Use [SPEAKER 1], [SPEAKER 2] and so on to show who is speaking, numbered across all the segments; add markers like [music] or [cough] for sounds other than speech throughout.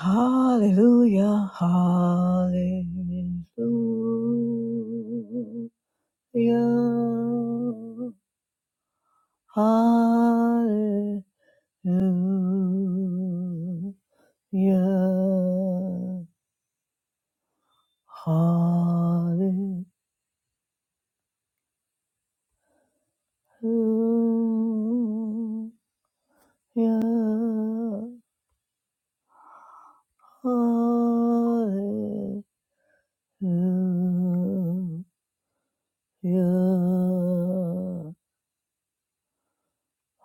[SPEAKER 1] Hallelujah, hallelujah, hallelujah, hallelujah, hallelujah,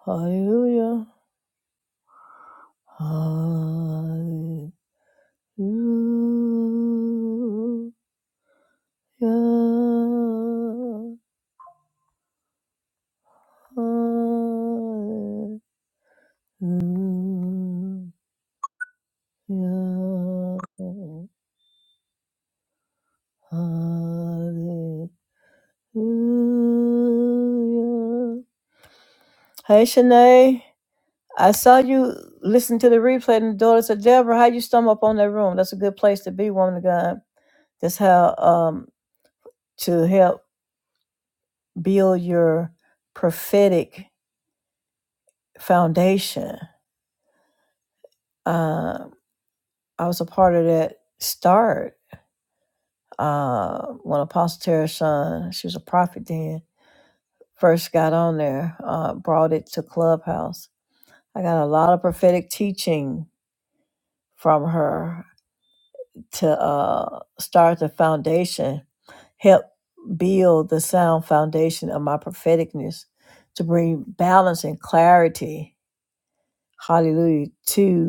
[SPEAKER 1] hallelujah. Hallelujah. Hallelujah. Hallelujah. Hey, Shanae. I saw you listen to the replay and the daughters of Deborah. How you stumble up on that room? That's a good place to be, woman of God. That's how um to help build your prophetic foundation. Uh, I was a part of that start uh, when Apostle Tara Shawn, she was a prophet then, first got on there, uh, brought it to Clubhouse. I got a lot of prophetic teaching from her to uh, start the foundation, help build the sound foundation of my propheticness to bring balance and clarity, hallelujah, to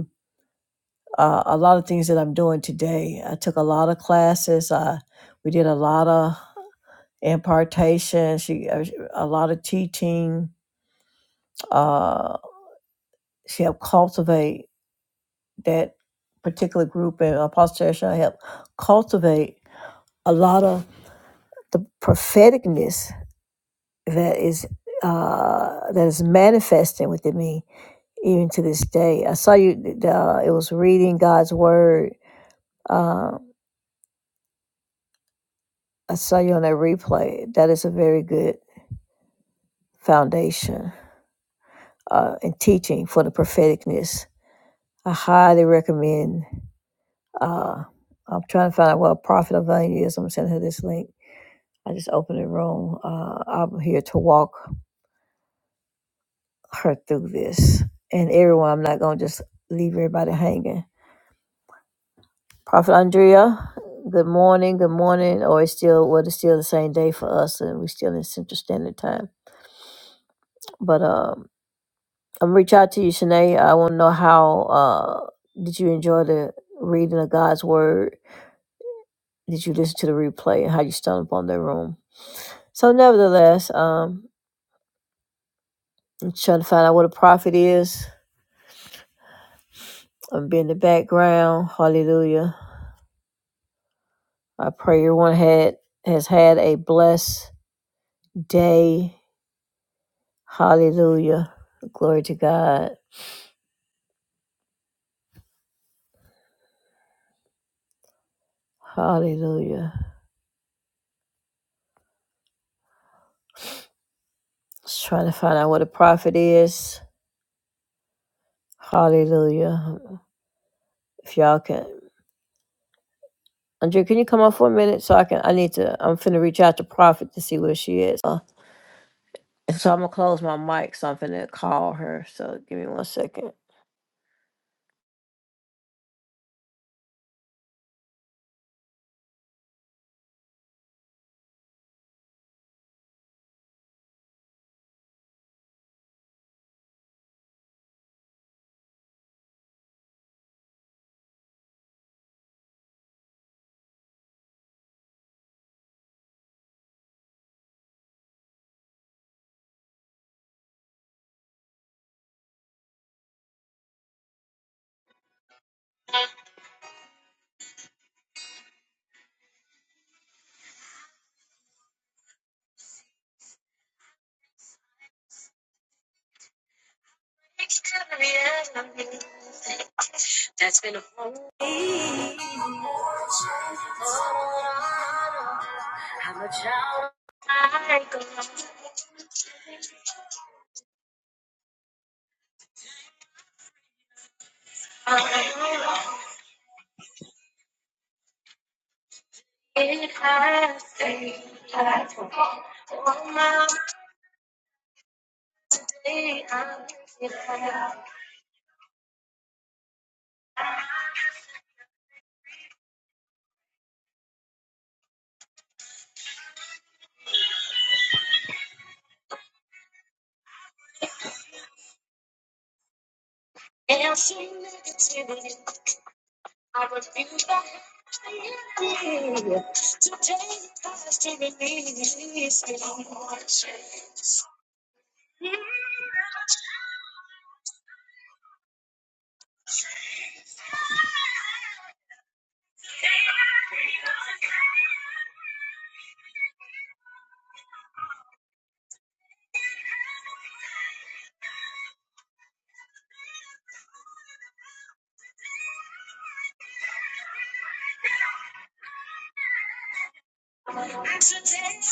[SPEAKER 1] uh, a lot of things that I'm doing today. I took a lot of classes. I, we did a lot of impartation. She uh, a lot of teaching. Uh, she helped cultivate that particular group, and Apostle Teresa helped cultivate a lot of the propheticness that is uh, that is manifesting within me even to this day. I saw you. Uh, it was reading God's word. Uh, I saw you on that replay. That is a very good foundation uh, and teaching for the propheticness. I highly recommend. Uh, I'm trying to find out what a Prophet of Value is. I'm sending her this link. I just opened the room. Uh, I'm here to walk her through this. And everyone, I'm not going to just leave everybody hanging. Prophet Andrea, good morning. Good morning. Or it's still, well, it's still the same day for us, and we're still in Central Standard Time. But um. I'm reach out to you, Shanae. I want to know how uh, did you enjoy the reading of God's word? Did you listen to the replay and how you stumbled upon the room? So, nevertheless, um, I'm trying to find out what a prophet is. I'm being in the background. Hallelujah. I pray everyone had has had a blessed day. Hallelujah. Glory to God. Hallelujah. Just trying to find out what a prophet is. Hallelujah. If y'all can Andrea, can you come up for a minute so I can? I need to. I'm finna reach out to Prophet to see where she is. Uh, so I'm gonna close my mic. So I'm finna call her. So give me one second.
[SPEAKER 2] That's been a whole I'm a child. I go on. It has stayed. I go on my day. I'm it And she negativity. I refuse to have it. Today, I still release it. Today,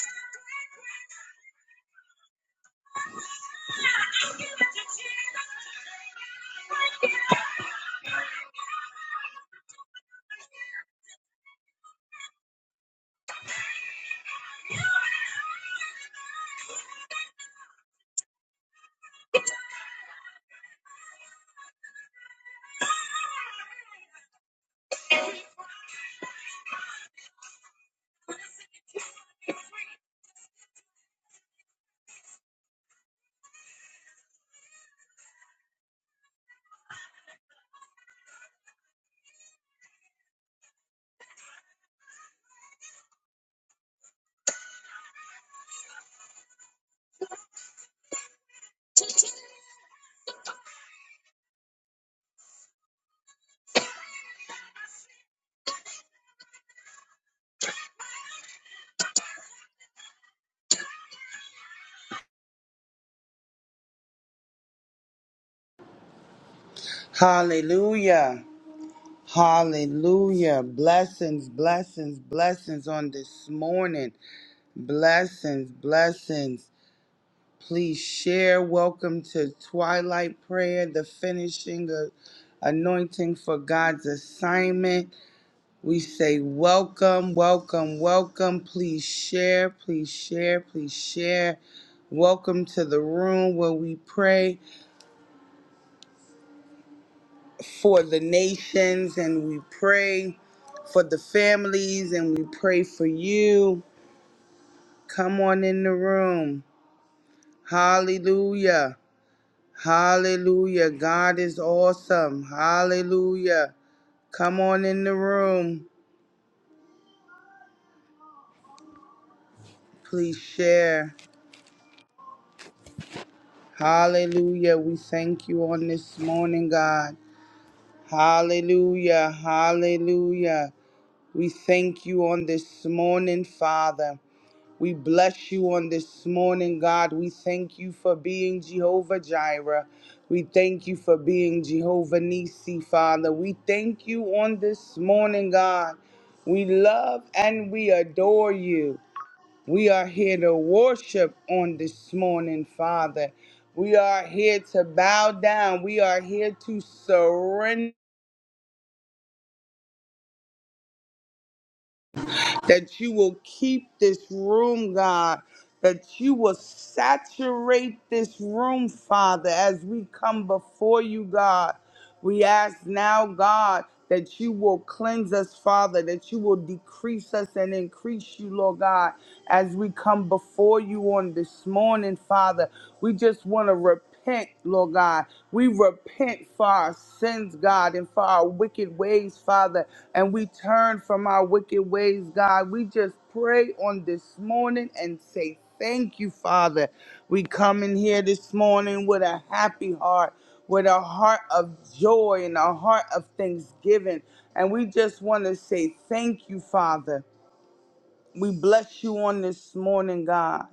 [SPEAKER 3] Hallelujah. Hallelujah. Blessings, blessings, blessings on this morning. Blessings, blessings. Please share. Welcome to Twilight Prayer, the finishing of anointing for God's assignment. We say welcome, welcome, welcome. Please share, please share, please share. Welcome to the room where we pray. for the nations and we pray for the families and we pray for you. Come on in the room. Hallelujah. Hallelujah. God is awesome. Hallelujah. Come on in the room. Please share. Hallelujah. We thank you on this morning, God. Hallelujah. Hallelujah. We thank you on this morning, Father. We bless you on this morning, God. We thank you for being Jehovah Jireh. We thank you for being Jehovah Nisi, Father. We thank you on this morning, God. We love and we adore you. We are here to worship on this morning, Father. We are here to bow down. We are here to surrender. that you will keep this room, God, that you will saturate this room, Father, as we come before you, God. We ask now, God, that you will cleanse us, Father, that you will decrease us and increase you, Lord God, as we come before you on this morning, Father. We just want to repent repent, Lord God. We repent for our sins, God, and for our wicked ways, Father. And we turn from our wicked ways, God. We just pray on this morning and say thank you, Father. We come in here this morning with a happy heart, with a heart of joy and a heart of thanksgiving. And we just want to say thank you, Father. We bless you on this morning, God,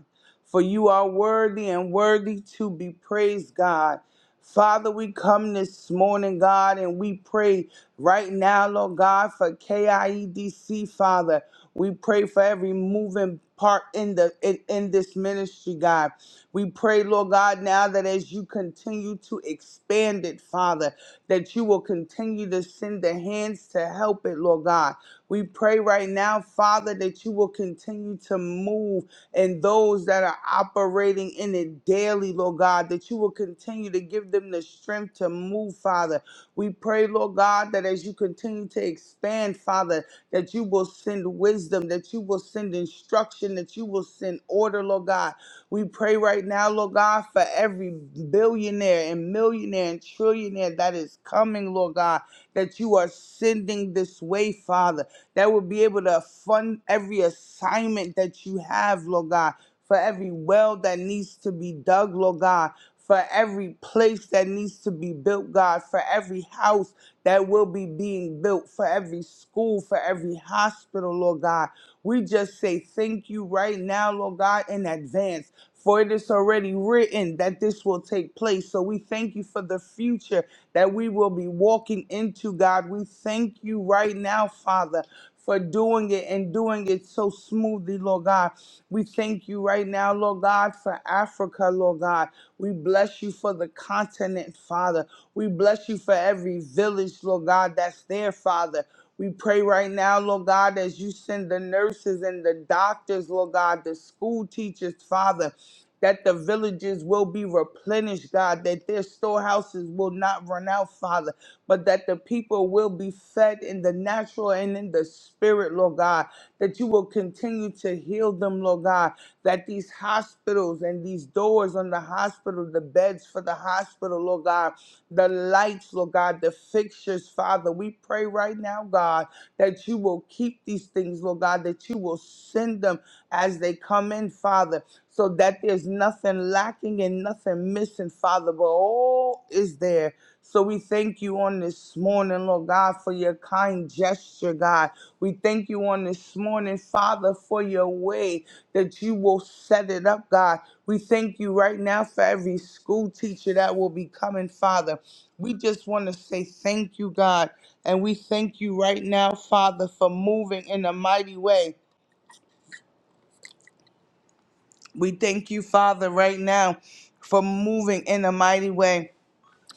[SPEAKER 3] for you are worthy and worthy to be praised, God. Father, we come this morning, God, and we pray right now, Lord God, for KIEDC, Father. We pray for every moving part in the in, in this ministry, God. We pray, Lord God, now that as you continue to expand it, Father, that you will continue to send the hands to help it, Lord God. We pray right now, Father, that you will continue to move and those that are operating in it daily, Lord God, that you will continue to give them the strength to move, Father. We pray, Lord God, that as you continue to expand, Father, that you will send wisdom, that you will send instruction, that you will send order, Lord God. We pray right now, Lord God, for every billionaire and millionaire and trillionaire that is coming, Lord God, that you are sending this way, Father that will be able to fund every assignment that you have, Lord God, for every well that needs to be dug, Lord God, for every place that needs to be built, God, for every house that will be being built, for every school, for every hospital, Lord God. We just say thank you right now, Lord God, in advance. For it is already written that this will take place. So we thank you for the future that we will be walking into, God. We thank you right now, Father for doing it and doing it so smoothly, Lord God. We thank you right now, Lord God, for Africa, Lord God. We bless you for the continent, Father. We bless you for every village, Lord God, that's there, Father. We pray right now, Lord God, as you send the nurses and the doctors, Lord God, the school teachers, Father, that the villages will be replenished, God, that their storehouses will not run out, Father but that the people will be fed in the natural and in the spirit, Lord God, that you will continue to heal them, Lord God, that these hospitals and these doors on the hospital, the beds for the hospital, Lord God, the lights, Lord God, the fixtures, Father, we pray right now, God, that you will keep these things, Lord God, that you will send them as they come in, Father, so that there's nothing lacking and nothing missing, Father, but all is there so we thank you on this morning, Lord God, for your kind gesture, God. We thank you on this morning, Father, for your way that you will set it up, God. We thank you right now for every school teacher that will be coming, Father. We just want to say thank you, God. And we thank you right now, Father, for moving in a mighty way. We thank you, Father, right now for moving in a mighty way.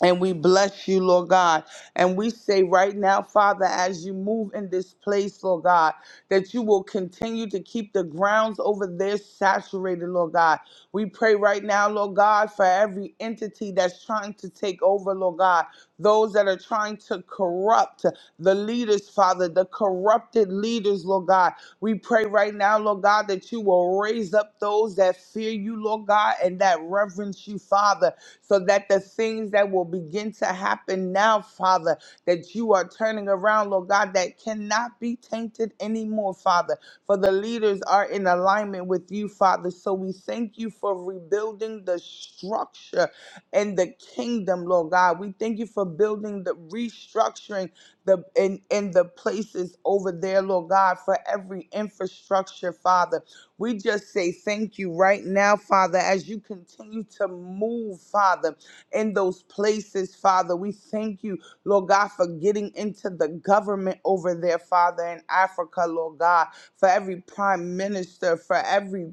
[SPEAKER 3] And we bless you, Lord God. And we say right now, Father, as you move in this place, Lord God, that you will continue to keep the grounds over there saturated, Lord God. We pray right now, Lord God, for every entity that's trying to take over, Lord God, those that are trying to corrupt the leaders, Father, the corrupted leaders, Lord God. We pray right now, Lord God, that you will raise up those that fear you, Lord God, and that reverence you, Father so that the things that will begin to happen now, Father, that you are turning around, Lord God, that cannot be tainted anymore, Father. For the leaders are in alignment with you, Father. So we thank you for rebuilding the structure and the kingdom, Lord God. We thank you for building the restructuring the in, in the places over there, Lord God, for every infrastructure, Father. We just say thank you right now, Father, as you continue to move, Father, in those places, Father. We thank you, Lord God, for getting into the government over there, Father, in Africa, Lord God, for every prime minister, for every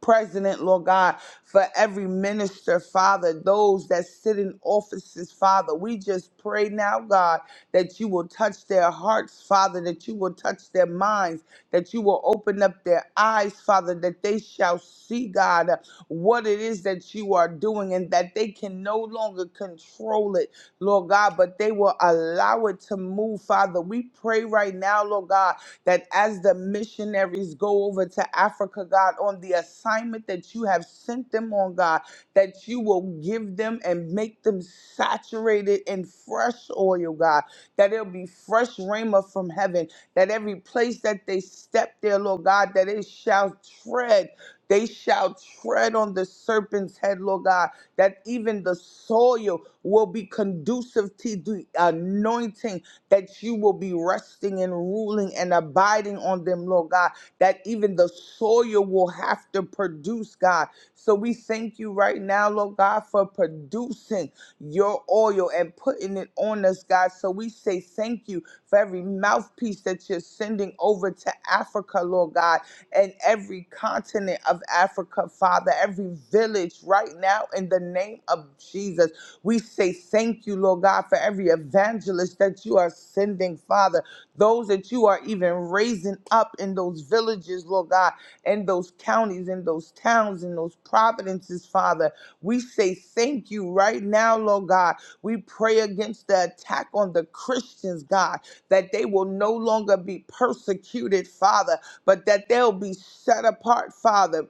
[SPEAKER 3] president, Lord God, for every minister, Father, those that sit in offices, Father. We just pray now, God, that you will touch their hearts, Father, that you will touch their minds, that you will open up their eyes, Father, that they shall see, God, what it is that you are doing and that they can no longer control it, Lord God, but they will allow it to move, Father. We pray right now, Lord God that as the missionaries go over to Africa, God, on the assignment that you have sent them on, God, that you will give them and make them saturated in fresh oil, God, that it'll be fresh rhema from heaven, that every place that they step there, Lord God, that it shall tread. They shall tread on the serpent's head, Lord God, that even the soil will be conducive to the anointing that you will be resting and ruling and abiding on them, Lord God, that even the soil will have to produce, God. So we thank you right now, Lord God, for producing your oil and putting it on us, God. So we say thank you for every mouthpiece that you're sending over to Africa, Lord God, and every continent of Africa, Father, every village right now in the name of Jesus. We say thank you, Lord God, for every evangelist that you are sending, Father. Those that you are even raising up in those villages, Lord God, in those counties, in those towns, in those providences, Father. We say thank you right now, Lord God. We pray against the attack on the Christians, God, that they will no longer be persecuted, Father, but that they'll be set apart, Father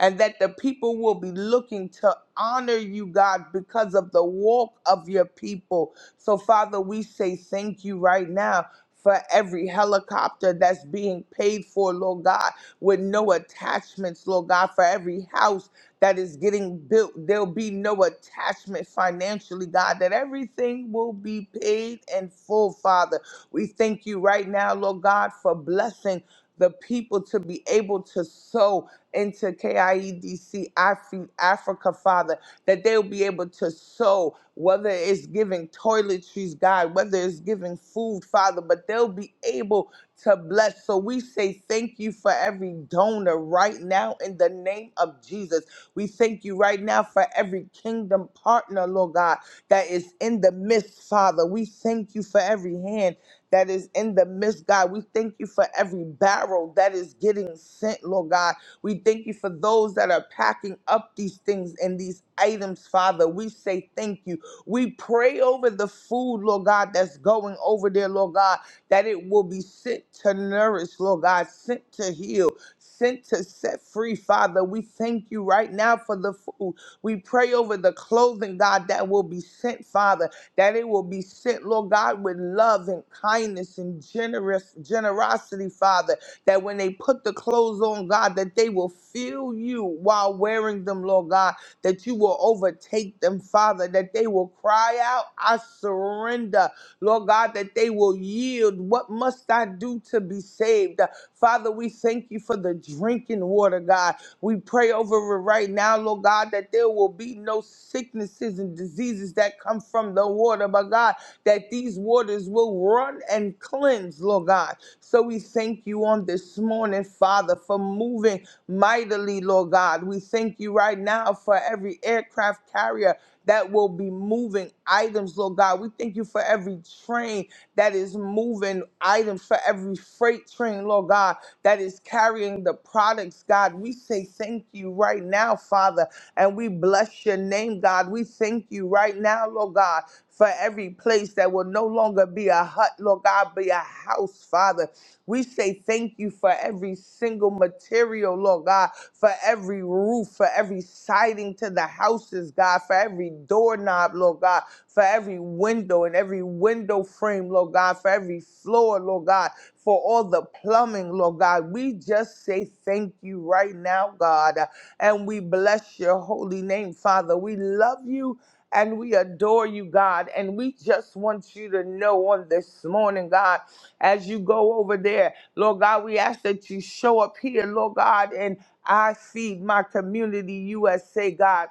[SPEAKER 3] and that the people will be looking to honor you, God, because of the walk of your people. So, Father, we say thank you right now. For every helicopter that's being paid for, Lord God, with no attachments, Lord God, for every house that is getting built, there'll be no attachment financially, God, that everything will be paid in full, Father. We thank you right now, Lord God, for blessing the people to be able to sow into KIEDC Afri- Africa, Father, that they'll be able to sow, whether it's giving toiletries, God, whether it's giving food, Father, but they'll be able to bless. So we say thank you for every donor right now in the name of Jesus. We thank you right now for every kingdom partner, Lord God, that is in the midst, Father. We thank you for every hand that is in the midst, God. We thank you for every barrel that is getting sent, Lord God. We thank you for those that are packing up these things and these items, Father. We say thank you. We pray over the food, Lord God, that's going over there, Lord God, that it will be sent to nourish, Lord God, sent to heal, sent to set free, Father. We thank you right now for the food. We pray over the clothing, God, that will be sent, Father, that it will be sent, Lord God, with love and kindness and generous generosity, Father that when they put the clothes on, God, that they will feel you while wearing them, Lord God, that you will overtake them, Father, that they will cry out, I surrender, Lord God, that they will yield. What must I do to be saved? Father, we thank you for the drinking water, God. We pray over it right now, Lord God, that there will be no sicknesses and diseases that come from the water, but God, that these waters will run and cleanse, Lord God. So we thank you on this morning, Father, for moving mightily, Lord God. We thank you right now for every aircraft carrier that will be moving items, Lord God. We thank you for every train that is moving items, for every freight train, Lord God, that is carrying the products, God. We say thank you right now, Father. And we bless your name, God. We thank you right now, Lord God, for every place that will no longer be a hut, Lord God, be a house, Father. We say thank you for every single material, Lord God, for every roof, for every siding to the houses, God, for every doorknob, Lord God, for every window and every window frame, Lord God, for every floor, Lord God, for all the plumbing, Lord God. We just say thank you right now, God and we bless your holy name, Father. We love you and we adore you, God. And we just want you to know on this morning, God, as you go over there, Lord God, we ask that you show up here, Lord God, and I feed my community, USA, God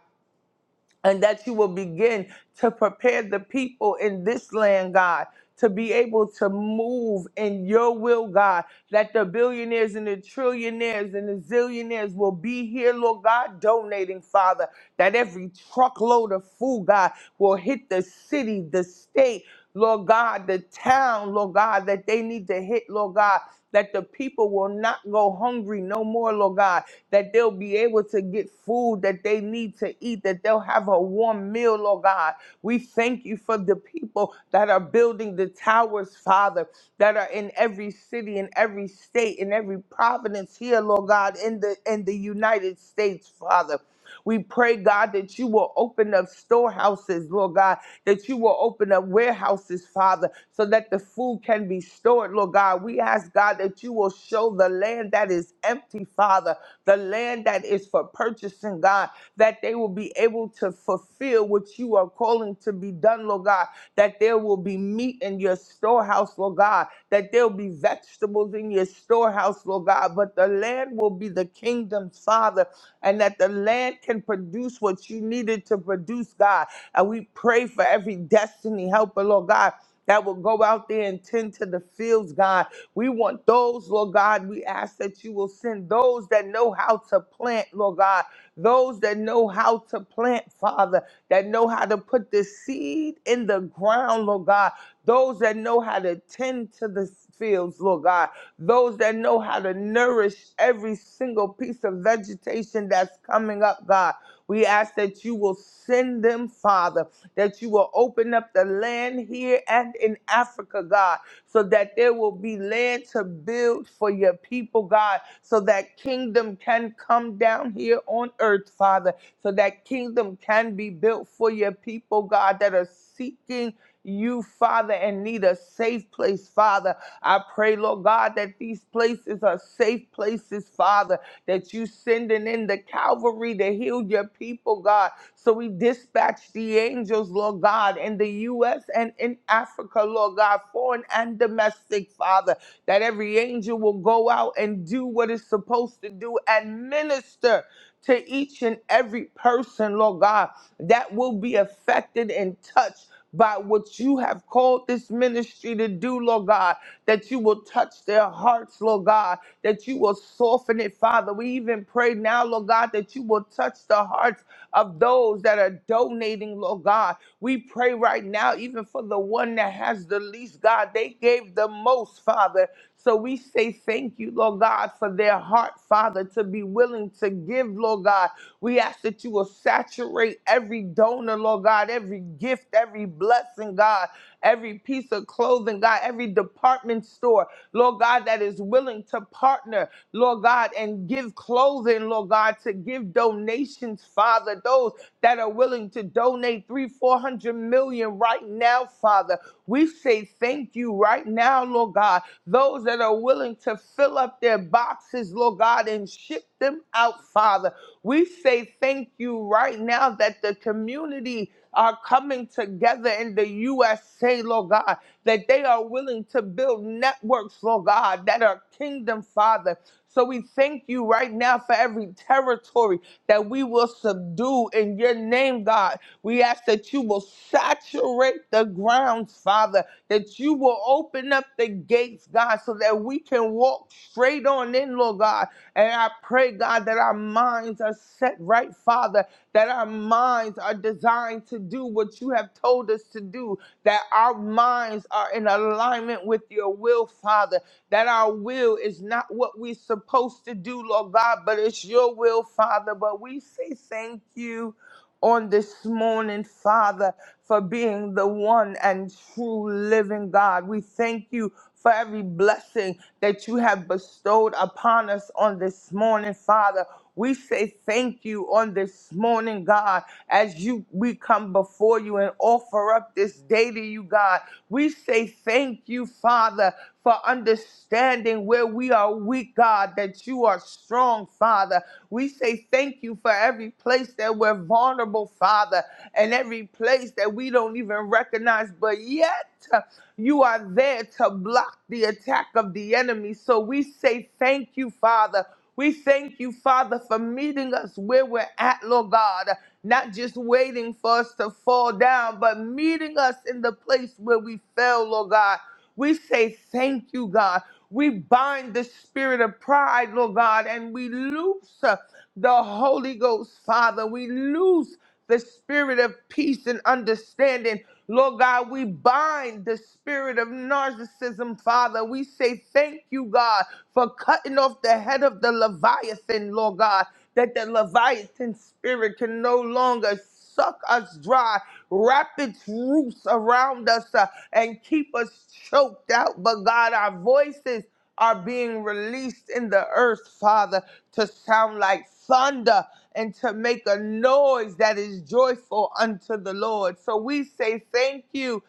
[SPEAKER 3] and that you will begin to prepare the people in this land, God, to be able to move in your will, God, that the billionaires and the trillionaires and the zillionaires will be here, Lord God, donating, Father, that every truckload of food, God, will hit the city, the state. Lord God, the town, Lord God, that they need to hit, Lord God, that the people will not go hungry no more, Lord God, that they'll be able to get food that they need to eat, that they'll have a warm meal, Lord God. We thank you for the people that are building the towers, Father, that are in every city, in every state, in every province here, Lord God, in the in the United States, Father. We pray, God, that you will open up storehouses, Lord God, that you will open up warehouses, Father, so that the food can be stored, Lord God. We ask, God, that you will show the land that is empty, Father, the land that is for purchasing, God, that they will be able to fulfill what you are calling to be done, Lord God, that there will be meat in your storehouse, Lord God, that there'll be vegetables in your storehouse, Lord God, but the land will be the kingdom's father, and that the land can produce what you needed to produce, God. And we pray for every destiny helper, Lord God. That will go out there and tend to the fields, God. We want those, Lord God. We ask that you will send those that know how to plant, Lord God, those that know how to plant, Father, that know how to put the seed in the ground, Lord God, those that know how to tend to the fields, Lord God, those that know how to nourish every single piece of vegetation that's coming up, God. We ask that you will send them, Father, that you will open up the land here and in Africa, God so that there will be land to build for your people, God, so that kingdom can come down here on earth, Father, so that kingdom can be built for your people, God, that are seeking you, Father, and need a safe place, Father. I pray, Lord God, that these places are safe places, Father that you sending in the Calvary to heal your people, God. So we dispatch the angels, Lord God, in the U.S. and in Africa, Lord God, foreign and domestic, Father, that every angel will go out and do what it's supposed to do and minister to each and every person, Lord God, that will be affected and touched by what you have called this ministry to do, Lord God, that you will touch their hearts, Lord God, that you will soften it, Father. We even pray now, Lord God, that you will touch the hearts of those that are donating, Lord God. We pray right now, even for the one that has the least, God. They gave the most, Father. So we say thank you, Lord God, for their heart, Father, to be willing to give, Lord God. We ask that you will saturate every donor, Lord God, every gift, every blessing, God every piece of clothing, God, every department store, Lord God, that is willing to partner, Lord God, and give clothing, Lord God, to give donations, Father, those that are willing to donate three, four hundred million right now, Father. We say thank you right now, Lord God. Those that are willing to fill up their boxes, Lord God, and ship them out, Father. We say thank you right now that the community are coming together in the USA, Lord God, that they are willing to build networks, Lord God, that are kingdom, Father. So we thank you right now for every territory that we will subdue in your name, God. We ask that you will saturate the grounds, Father, that you will open up the gates, God, so that we can walk straight on in, Lord God. And I pray, God, that our minds are set right, Father. Father, that our minds are designed to do what you have told us to do, that our minds are in alignment with your will, Father, that our will is not what we're supposed to do, Lord God, but it's your will, Father. But we say thank you on this morning, Father, for being the one and true living God. We thank you for every blessing that you have bestowed upon us on this morning, Father. We say thank you on this morning, God, as you we come before you and offer up this day to you, God. We say thank you, Father, for understanding where where we are weak, God, that you are strong, Father. We say thank you for every place that we're vulnerable, Father, and every place that we don't even recognize, but yet uh, you are there to block the attack of the enemy. So we say thank you, Father. We thank you, Father, for meeting us where we're at, Lord God. Not just waiting for us to fall down, but meeting us in the place where we fell, Lord God. We say thank you, God. We bind the spirit of pride, Lord God, and we loose uh, the Holy Ghost, Father. We loose the spirit of peace and understanding. Lord God, we bind the spirit of narcissism, Father. We say thank you, God, for cutting off the head of the Leviathan, Lord God, that the Leviathan spirit can no longer suck us dry, wrap its roots around us, uh, and keep us choked out. But God, our voices are being released in the earth, Father, to sound like thunder and to make a noise that is joyful unto the Lord. So we say thank you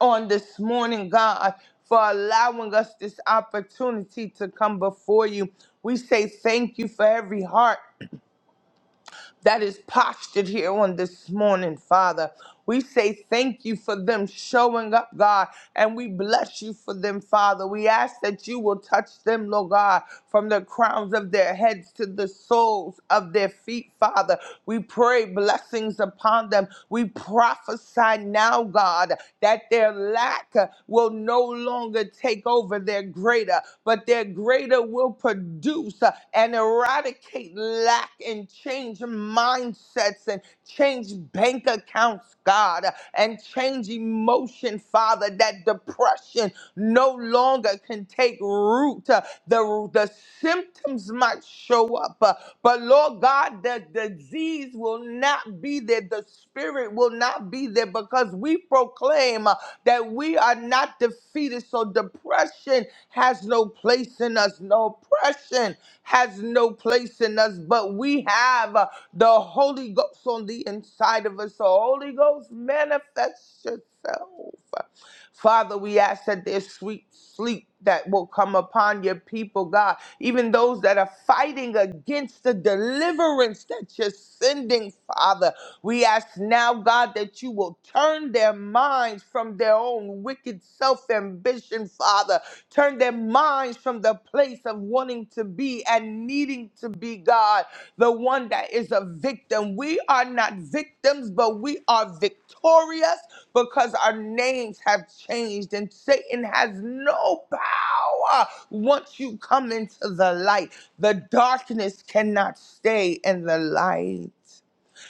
[SPEAKER 3] on this morning, God, for allowing us this opportunity to come before you. We say thank you for every heart that is postured here on this morning, Father. We say thank you for them showing up, God, and we bless you for them, Father. We ask that you will touch them, Lord God, from the crowns of their heads to the soles of their feet, Father. We pray blessings upon them. We prophesy now, God, that their lack will no longer take over their greater, but their greater greater will produce uh, and eradicate lack and change mindsets and change bank accounts, God, uh, and change emotion, Father, that depression no longer can take root. Uh, The, the symptoms might show up, uh, but Lord God, the disease will not be there. The spirit will not be there because we proclaim uh, that we are not defeated. So depression has no place in us, no oppression has no place in us, but we have uh, the Holy Ghost on the inside of us. The Holy Ghost manifest yourself. Father, we ask that there's sweet sleep that will come upon your people, God. Even those that are fighting against the deliverance that you're sending, Father. We ask now, God, that you will turn their minds from their own wicked self ambition, Father, Turn their minds from the place of wanting to be and needing to be God, the one that is a victim. We are not victims, but we are victorious because our names have changed and Satan has no power. Once you come into the light, the darkness cannot stay in the light.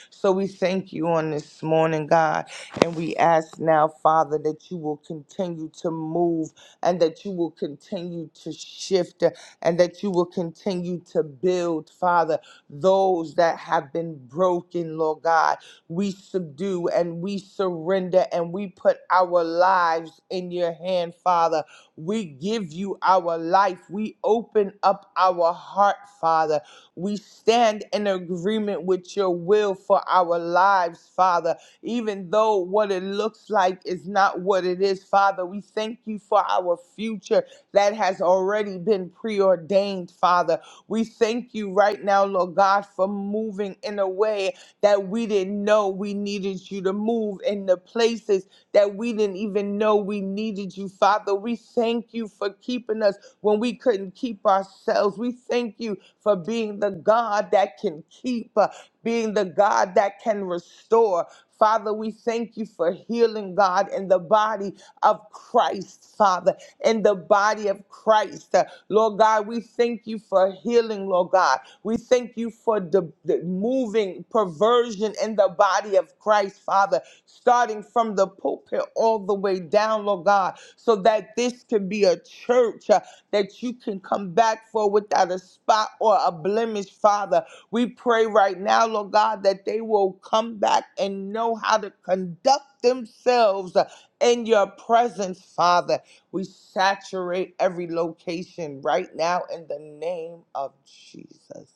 [SPEAKER 3] So we thank you on this morning, God, and we ask now, Father, that you will continue to move and that you will continue to shift and that you will continue to build, Father, those that have been broken, Lord God. We subdue and we surrender and we put our lives in your hand, Father. We give you our life. We open up our heart, Father we stand in agreement with your will for our lives, Father. Even though what it looks like is not what it is, Father, we thank you for our future that has already been preordained, Father. We thank you right now, Lord God, for moving in a way that we didn't know we needed you to move in the places that we didn't even know we needed you, Father. We thank you for keeping us when we couldn't keep ourselves. We thank you for being the God that can keep, uh, being the God that can restore. Father, we thank you for healing, God, in the body of Christ, Father, in the body of Christ. Uh, Lord God, we thank you for healing, Lord God. We thank you for the, the moving perversion in the body of Christ, Father starting from the pulpit all the way down, Lord God, so that this can be a church uh, that you can come back for without a spot or a blemish, Father. We pray right now, Lord God, that they will come back and know how to conduct themselves uh, in your presence, Father. We saturate every location right now in the name of Jesus.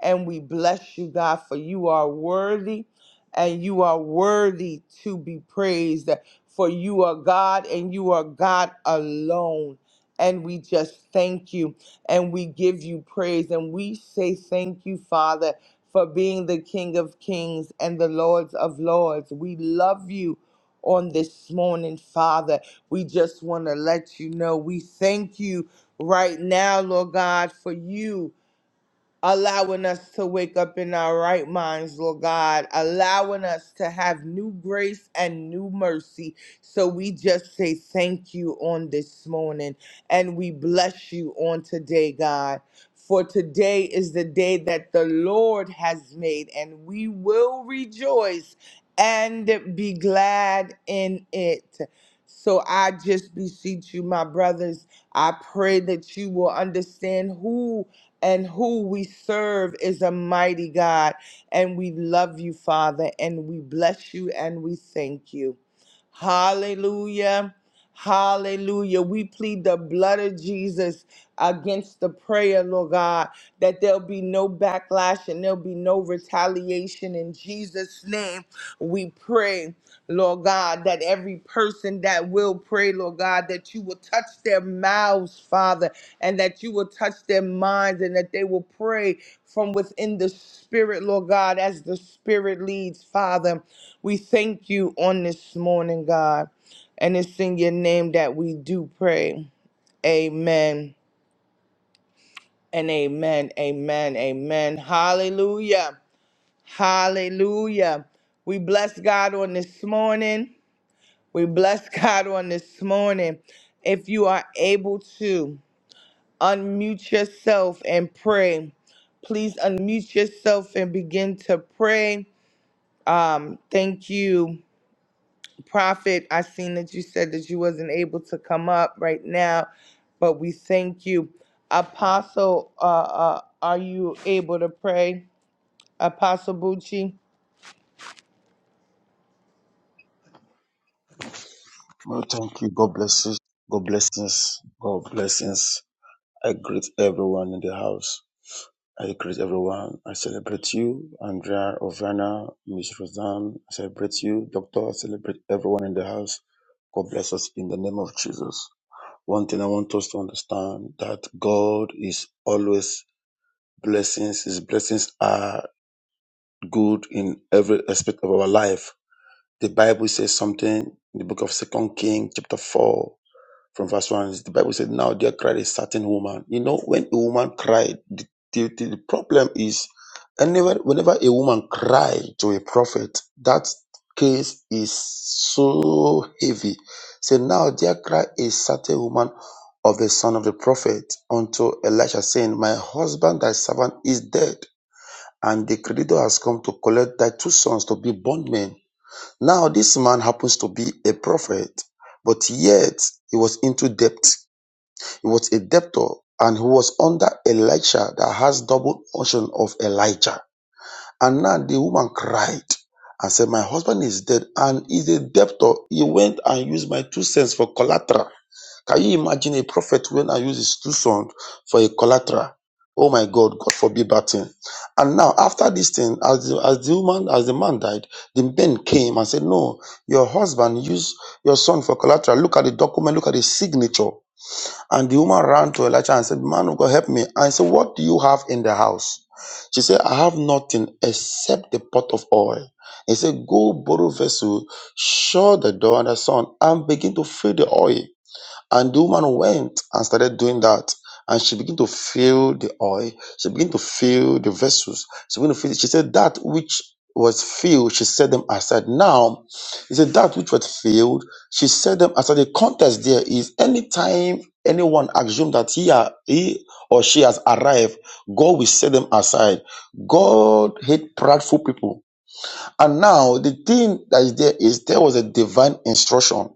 [SPEAKER 3] And we bless you, God, for you are worthy and you are worthy to be praised. For you are God and you are God alone. And we just thank you and we give you praise and we say thank you, Father, for being the King of Kings and the Lords of Lords. We love you on this morning, Father. We just want to let you know we thank you right now, Lord God, for you allowing us to wake up in our right minds, Lord God, allowing us to have new grace and new mercy. So we just say thank you on this morning and we bless you on today, God. For today is the day that the Lord has made, and we will rejoice and be glad in it. So I just beseech you, my brothers, I pray that you will understand who and who we serve is a mighty God. And we love you, Father, and we bless you and we thank you. Hallelujah. Hallelujah. We plead the blood of Jesus against the prayer, Lord God, that there'll be no backlash and there'll be no retaliation. In Jesus' name, we pray. Lord God, that every person that will pray, Lord God, that you will touch their mouths, Father, and that you will touch their minds, and that they will pray from within the Spirit, Lord God, as the Spirit leads, Father. We thank you on this morning, God, and it's in your name that we do pray. Amen and amen, amen, amen. Hallelujah. Hallelujah. We bless God on this morning. We bless God on this morning. If you are able to unmute yourself and pray, please unmute yourself and begin to pray. Um, thank you, Prophet. I seen that you said that you wasn't able to come up right now, but we thank you. Apostle, uh, uh, are you able to pray? Apostle Bucci?
[SPEAKER 4] Well, thank you. God bless you. God blessings. God blessings. I greet everyone in the house. I greet everyone. I celebrate you, Andrea, Ovana, Miss Roseanne. I celebrate you, Doctor. I celebrate everyone in the house. God bless us in the name of Jesus. One thing I want us to understand that God is always blessings. His blessings are good in every aspect of our life. The Bible says something in the book of Second King, chapter four. From verse 1, the Bible said, Now there cried a certain woman. You know, when a woman cried, the, the, the problem is anywhere, whenever a woman cried to a prophet, that case is so heavy. Say, Now there cried a certain woman of the son of the prophet unto Elisha, saying, My husband, thy servant, is dead, and the creditor has come to collect thy two sons to be bondmen. Now this man happens to be a prophet, but yet he was into debt. He was a debtor and he was under Elisha that has double portion of Elijah. And now the woman cried and said, My husband is dead and is a debtor. He went and used my two sons for collateral. Can you imagine a prophet when I use his two sons for a collateral? Oh my God, God forbid that thing. And now, after this thing, as the, as the woman, as the man died, the men came and said, No, your husband used your son for collateral. Look at the document, look at the signature. And the woman ran to Elisha and said, Man of God, help me. And he said, What do you have in the house? She said, I have nothing except the pot of oil. He said, Go borrow vessel, shut the door and the sun, and begin to fill the oil. And the woman went and started doing that. And she began to fill the oil. She began to fill the vessels. She began to fill. She said that which was filled, she set them aside. Now, she said that which was filled, she set them aside. The context there is anytime anyone assumes that he, are, he or she has arrived, God will set them aside. God hates prideful people. And now the thing that is there is there was a divine instruction.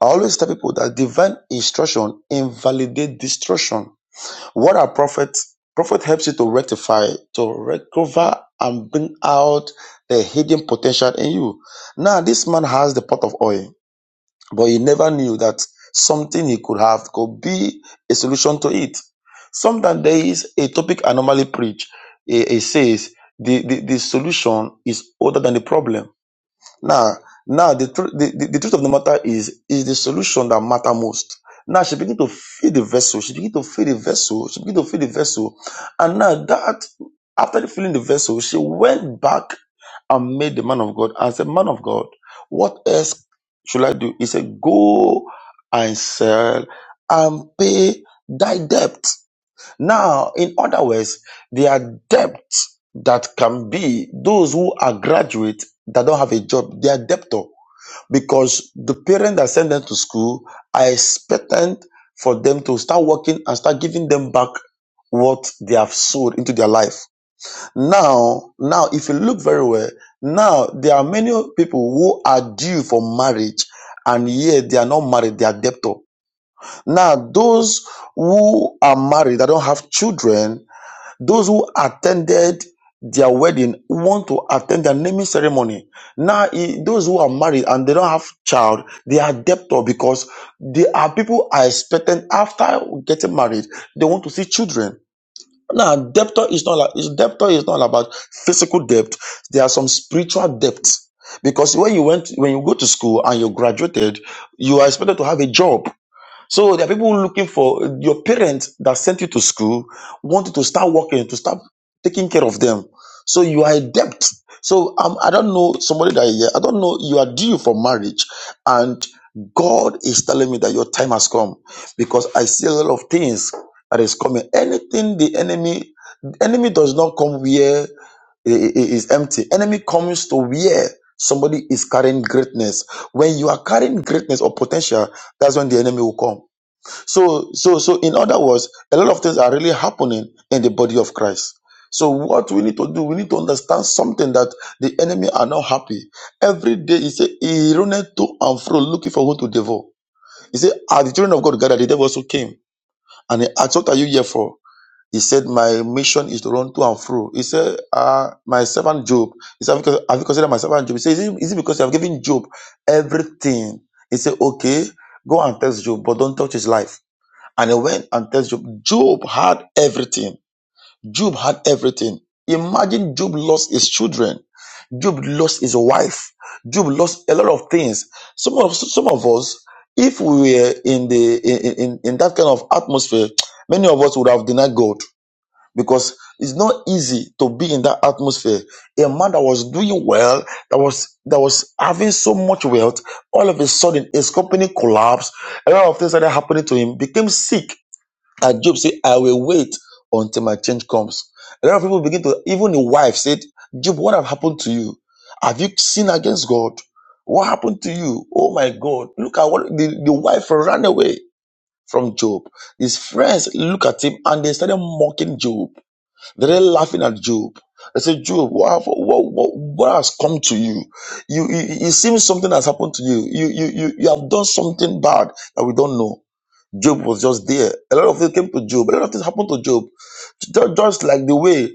[SPEAKER 4] I always tell people that divine instruction invalidate destruction. What are prophets? Prophet helps you to rectify, to recover and bring out the hidden potential in you. Now this man has the pot of oil, but he never knew that something he could have could be a solution to it. Sometimes there is a topic I normally preach. It, it says the, the, the solution is older than the problem now, now the, tru- the, the, the truth of the matter is is the solution that matter most. Now she begin to fill the vessel. She begin to fill the vessel. She begin to fill the vessel, and now that after filling the vessel, she went back and made the man of God and said, "Man of God, what else should I do?" He said, "Go and sell and pay thy debt." Now, in other words, there are debts that can be those who are graduate that don't have a job, they are debtor because the parents that send them to school are expectant for them to start working and start giving them back what they have sowed into their life. Now, now, if you look very well, now there are many people who are due for marriage and yet they are not married, they are debtor. Now, those who are married that don't have children those who attended their wedding want to attend their naming ceremony. Now, i- those who are married and they don't have child, they are debtor because they are people are expecting after getting married, they want to see children. Now, debtor is not like is- debtor is not about physical debt. There are some spiritual debts because when you went when you go to school and you graduated, you are expected to have a job so there are people looking for your parents that sent you to school want you to start working, to start taking care of them. So you are a debt. So um, I don't know somebody that here. I don't know you are due for marriage, and God is telling me that your time has come because I see a lot of things that is coming. Anything the enemy, the enemy does not come where i- empty. Enemy comes to where somebody is carrying greatness. When you are carrying greatness or potential, that's when the enemy will come. So, so, so, in other words, a lot of things are really happening in the body of Christ. So, what we need to do, we need to understand something that the enemy are not happy. Every day, he said, he runneth to and fro looking for whom to devour. He said, As the children of God gathered, the devil also came. And he asked, What are you here for? He said, My mission is to run to and fro. He said, uh, My servant Job. He said, Have you con- have you considered my servant Job? He said, Is it, is it because you have given Job everything? He said, Okay, go and test Job, but don't touch his life. And he went and tells Job, Job had everything. Job had everything. Imagine Job lost his children. Job lost his wife. Job lost a lot of things. Some of some of us, if we were in the in, in, in that kind of atmosphere, many of us would have denied God because it's not easy to be in that atmosphere. A man that was doing well, that was that was having so much wealth, all of a sudden his company collapsed. A lot of things started happening to him. Became sick and Job said, I will wait until my change comes. A lot of people begin to, even the wife said, Job, what have happened to you? Have you sinned against God? What happened to you? Oh my God. Look at what the, the wife ran away from Job. His friends look at him and they started mocking Job. They're really laughing at Job. They say, Job, what, have- what, what, what has come to you? You, you? It seems something has happened to you. You, you, you, you have done something bad that we don't know. Job was just there. A lot of things came to Job. A lot of things happened to Job. Ju- Just like the way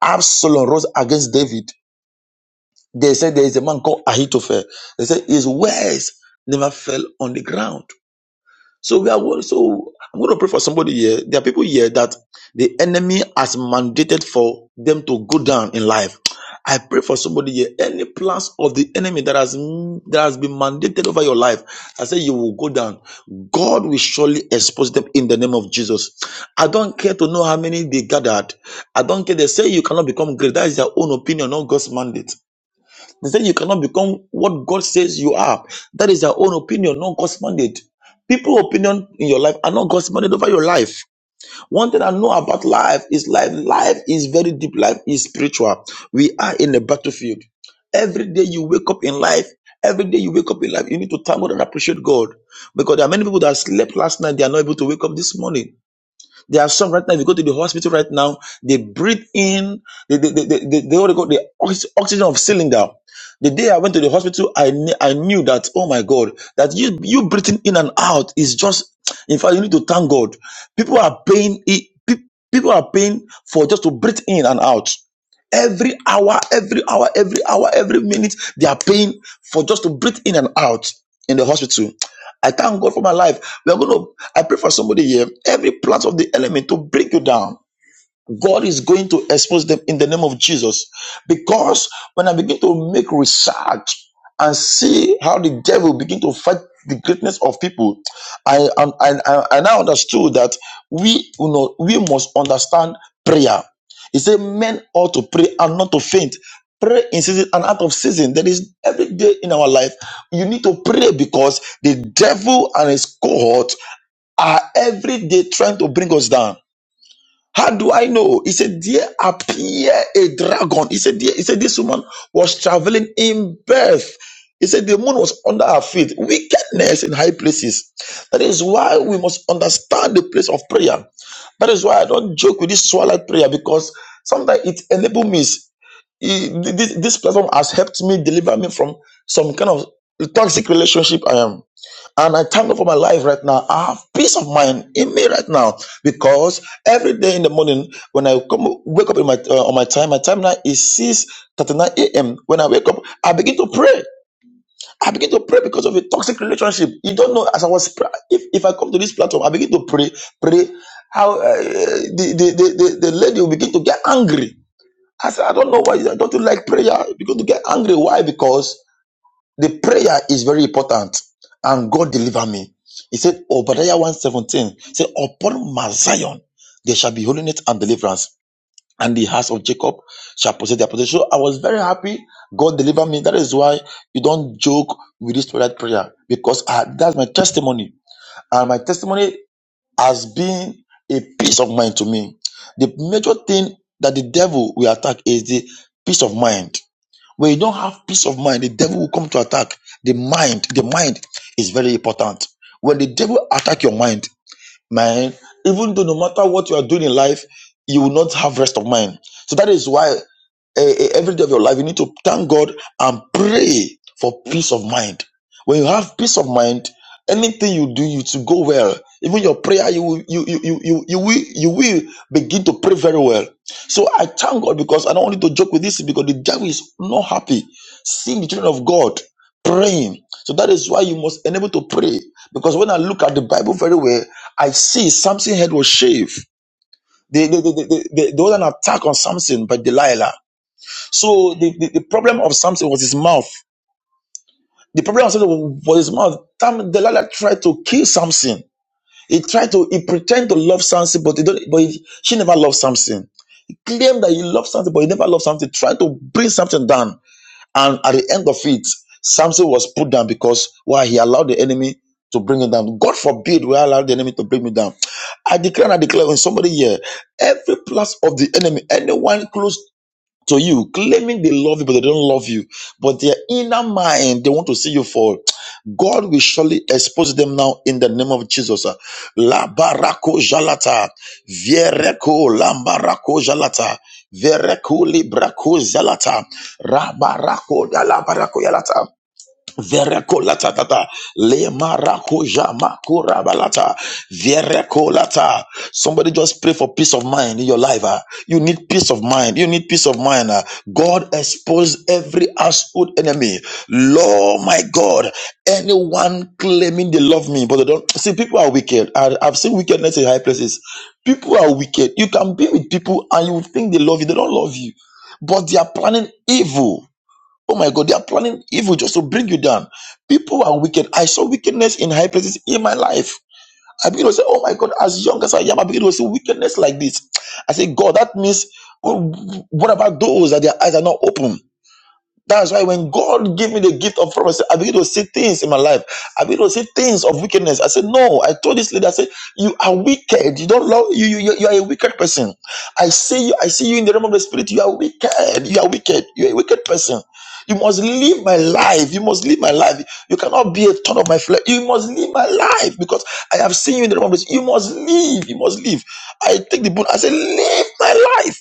[SPEAKER 4] Absalom rose against David, they said there is a man called Ahithophel. They said his words never fell on the ground. So we are wor- so I'm going to pray for somebody here. There are people here that the enemy has mandated for them to go down in life. I pray for somebody here. Any plans of the enemy that has that has been mandated over your life, I say you will go down. God will surely expose them in the name of Jesus. I don't care to know how many they gathered. I don't care. They say you cannot become great. That is their own opinion, not God's mandate. They say you cannot become what God says you are. That is your own opinion, not God's mandate. People's opinion in your life are not God's mandate over your life. One thing I know about life is life. Life is very deep. Life is spiritual. We are in a battlefield. Every day you wake up in life, every day you wake up in life, you need to thank God and appreciate God. Because there are many people that slept last night, they are not able to wake up this morning. There are some right now, if you go to the hospital right now, they breathe in, they, they, they, they, they, they already got the ox- oxygen of cylinder. The day I went to the hospital, I, kn- I knew that, oh my God, that you, you breathing in and out is just, in fact, you need to thank God. People are paying, it, pe- people are paying for just to breathe in and out. Every hour, every hour, every hour, every minute, they are paying for just to breathe in and out in the hospital. I thank God for my life. We're going to, I pray for somebody here, every plot of the enemy to bring you down. God is going to expose them in the name of Jesus. Because when I begin to make research and see how the devil begin to fight the greatness of people, I and I, I, I now understood that we you know we must understand prayer. He said, Men ought to pray and not to faint. Pray in season and out of season. That is, every day in our life you need to pray because the devil and his cohort are every day trying to bring us down. How do I know? He said, There appeared a dragon. He said, "There-" he said, This woman was traveling in birth. He said, The moon was under her feet. Wickedness in high places. That is why we must understand the place of prayer. That is why I don't joke with this twilight prayer because sometimes it enables me. It- This, this platform has helped me deliver me from some kind of toxic relationship I am. And I thank God for my life right now. I have peace of mind in me right now because every day in the morning when I come wake up in my uh, on my time, my time now is six thirty nine a.m. When I wake up, I begin to pray. I begin to pray because of a toxic relationship. You don't know as I was pra- if if I come to this platform, I begin to pray, pray. How uh, the, the, the the the lady will begin to get angry. I said, I don't know why. I Don't you like prayer? Because you get angry. Why? Because the prayer is very important. And God deliver me. He said, Obadiah 117, said, Upon Mount Zion there shall be holiness and deliverance, and the house of Jacob shall possess their possession. So I was very happy. God delivered me. That is why you don't joke with this twilight prayer because I, that's my testimony. And my testimony has been a peace of mind to me. The major thing that the devil will attack is the peace of mind. When you don't have peace of mind, the devil will come to attack the mind. The mind is very important. When the devil attack your mind, man, even though no matter what you are doing in life, you will not have rest of mind. So that is why eh, eh, every day of your life you need to thank God and pray for peace of mind. When you have peace of mind, anything you do, you to go well. Even your prayer, you will- you you you you you will you will begin to pray very well. So I thank God because I don't want you to joke with this because the devil is not happy seeing the children of God praying. So that is why you must enable to pray because when I look at the Bible very well. I see Samson's head was shaved. They, they, they, they, they, they had an attack on Samson by Delilah. So the, the, the problem of Samson was his mouth. The problem of Samson was his mouth. Tam- Delilah tried to kill Samson. He tried to, he pretended to love Samson, but he don't, but he, she never loved Samson. He claimed that he loved Samson, but he never loved Samson. He Tried to bring Samson down. And at the end of it, Samson was put down because why he allowed the enemy to bring him down. God forbid we allow the enemy to bring me down. I declare and I declare when somebody here, every plus of the enemy, anyone close to you, claiming they love you, but they don't love you. But their inner mind, they want to see you fall. God will surely expose them now in the name of Jesus. La barako jalata, viereko lambarako jalata, vereko librako jalata, rabarako dalabarako jalata. Verekolata tata le marakuja makura balata verekolata. Somebody just pray for peace of mind in your life. ah. You need peace of mind. You need peace of mind. ah. God expose every household enemy. Lord, my God, anyone claiming they love me, but they don't. See, people are wicked. I, I've seen wickedness in high places. People are wicked. You can be with people and you think they love you. They don't love you, but they are planning evil Oh my God, they are planning evil just to bring you down. People are wicked. I saw wickedness in high places in my life. I begin to say, Oh my God, as young as I am, I begin to see wickedness like this. I say, God, that means, oh, what about those that their eyes are not open? That's why when God gave me the gift of prophecy, I begin to see things in my life. I begin to see things of wickedness. I said, No, I told this lady, I said, You are wicked. You don't love you, you, you you are a wicked person. I see you, I see you in the realm of the spirit. You are wicked. You are wicked. You are a wicked person. You must live my life. You must live my life. You cannot be a ton of my flesh. You must live my life because I have seen you in the realm of the spirit. You must live. You must live. I take the book. I say, Live my life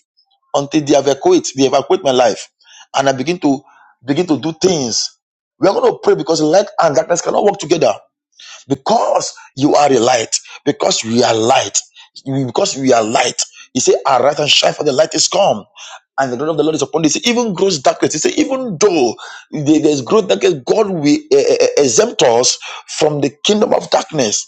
[SPEAKER 4] until they evacuate, they evacuate my life, and I begin to begin to do things. We are going to pray because light and darkness cannot work together. Because you are a light, because we are light, because we are light. He said, "Arise and shine, for the light is come." And the glory of the Lord is upon this. Even gross darkness. He said, even though there- there's gross darkness, God will eh, eh, eh, exempt us from the kingdom of darkness.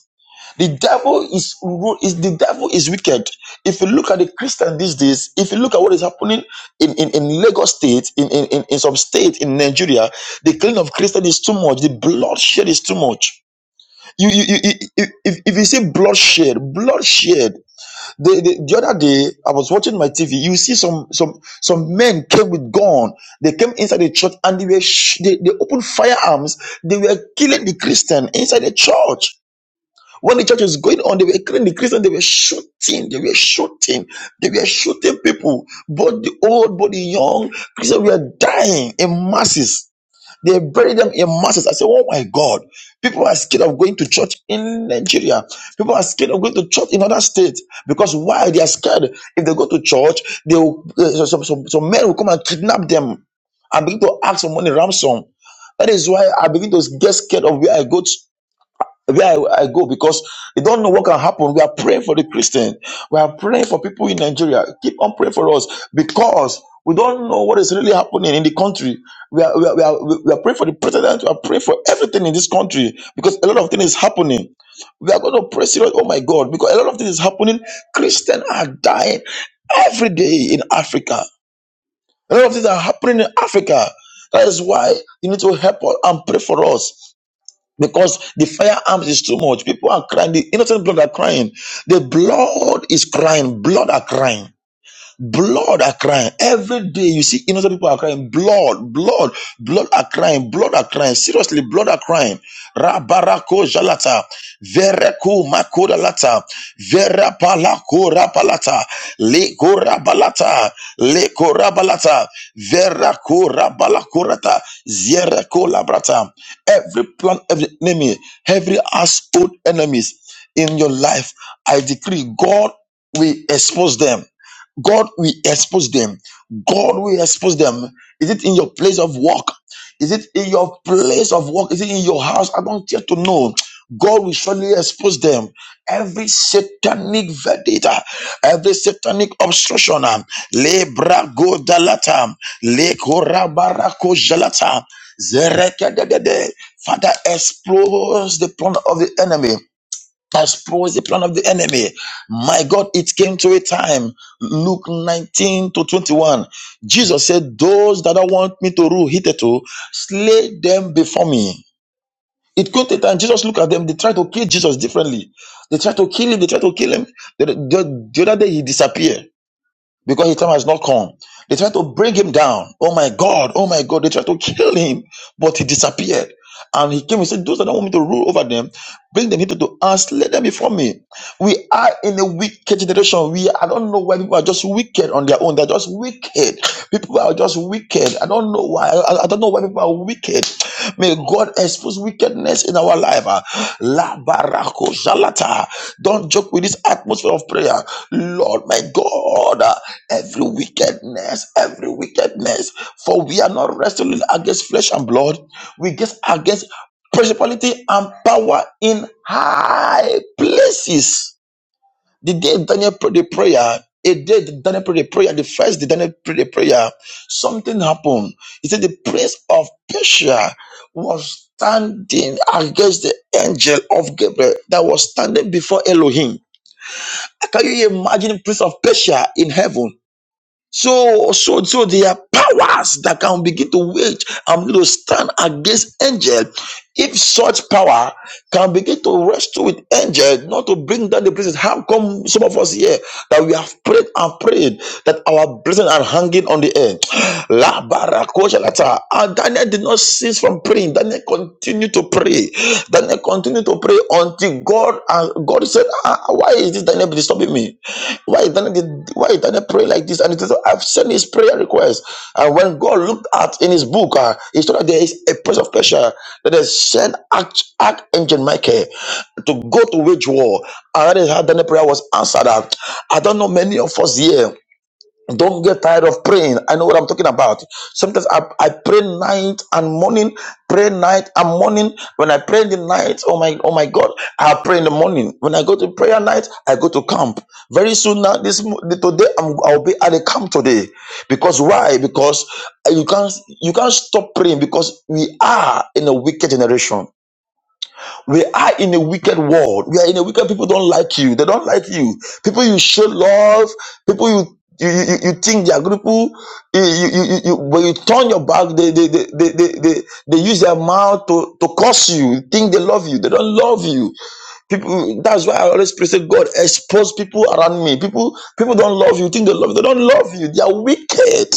[SPEAKER 4] The devil is, is the devil is wicked. If you look at the Christian these days, if you look at what is happening in, in, in Lagos State, in, in, in, in some state in Nigeria, the killing of Christian is too much. The bloodshed is too much. You, you, you, you- if, if if you see bloodshed, bloodshed. The, the, the other day, I was watching my TV. You see some some some men came with gun. They came inside the church and they were sh- they, they opened firearms. They were killing the Christian inside the church. When the church was going on, they were killing the Christians, they were shooting, they were shooting, they were shooting people, both the old, both the young. Christians were dying in masses. They buried them in masses. I said, Oh my God, people are scared of going to church in Nigeria. People are scared of going to church in other states because why? They are scared. If they go to church, they will, uh, some, some, some men will come and kidnap them and begin to ask for money ransom. That is why I begin to get scared of where I go. to where I, I go because you don't know what can happen. We are praying for the Christian. We are praying for people in Nigeria. Keep on praying for us because we don't know what is really happening in the country. We are, we are, we are, we are praying for the president. We are praying for everything in this country because a lot of things is happening. We are going to pray serious. Oh my God, because a lot of things is happening. Christians are dying every day in Africa. A lot of things are happening in Africa. That is why you need to help us and pray for us because the firearms is too much. People are crying. The innocent blood are crying. The blood is crying. Blood are crying. Blood are crying every day. You see innocent people are crying. Blood, blood, blood are crying. Blood are crying. Seriously, blood are crying. Rabarako jalata, vereko makodalata, verapalako rapalata, leko rabalata, leko rabalata, verako rabalakorata, ziereko labrata. Every plan, every enemy, every household enemies in your life, I decree God will expose them. God will expose them. God will expose them. Is it in your place of work? Is it in your place of work? Is it in your house? I don't care to know. God will surely expose them. Every satanic verdict, ah, every satanic obstruction, ah, lebra go dalata, lekora barako jalata, zerekedede. Father, expose the plan of the enemy expose the plan of the enemy. My God, it came to a time. Luke 19 to 21. Jesus said, Those that don't want me to rule hitherto, slay them before me. It came to a time, Jesus looked at them, they tried to kill Jesus differently. They tried to kill him, they tried to kill him. The, the, the other day he disappeared because his time has not come. They tried to bring him down. Oh my God, oh my God. They tried to kill him, but he disappeared. And he came and said, Those that don't want me to rule over them, bring them hither to us, let them be from me. We are in a wicked generation. We I don't know why people are just wicked on their own. They're just wicked. People are just wicked. I don't know why. I, I don't know why people are wicked. May God expose wickedness in our life. Ah, La barako jalata. Don't joke with this atmosphere of prayer. Lord, my God. ah, every wickedness, every wickedness. For we are not wrestling against flesh and blood, we against against principality and power in high places. The day Daniel prayed the prayer, a day Daniel prayed the prayer, the first day Daniel prayed the prayer, something happened. He said the prince of Persia was standing against the angel of Gabriel that was standing before Elohim. Can you imagine the Prince of Persia in heaven? So, so, so there are powers that can begin to wage and begin to stand against angel. If such power can begin to wrestle with angel, not to bring down the blessings. How come some of us here that we have prayed and prayed that our blessings are hanging on the air? [sighs] La barakoshalata. And Daniel did not cease from praying. Daniel continued to pray. Daniel continued to pray until God, uh, God said, "Ah, why is this Daniel disturbing me? Why is Daniel, did- why is Daniel praying like this? And it is, so, I've sent his prayer request. And when God looked at in his book, uh, he saw that there is a place of pressure that is sent Arch- Archangel Michael to go to wage war. And that is how Daniel prayer was answered. Uh, I don't know many of us here. Don't get tired of praying. I know what I'm talking about. Sometimes I, I pray night and morning, pray night and morning. When I pray in the night, oh my, oh my God, I pray in the morning. When I go to prayer night, I go to camp. Very soon now, this mo- today I'm, I'll be at a camp today. Because why? Because uh, you can't you can't stop praying because we are in a wicked generation. We are in a wicked world. We are in a wicked. People don't like you. They don't like you. People you show love. People you you, you, you think they are good people. You, you, you, you, you- when you turn your back, they they, they, they, they, they they use their mouth to, to curse you. You think they love you. They don't love you. People. That's why I always pray, say, God, expose people around me. People people don't love you. You think they love you. They don't love you. They are wicked.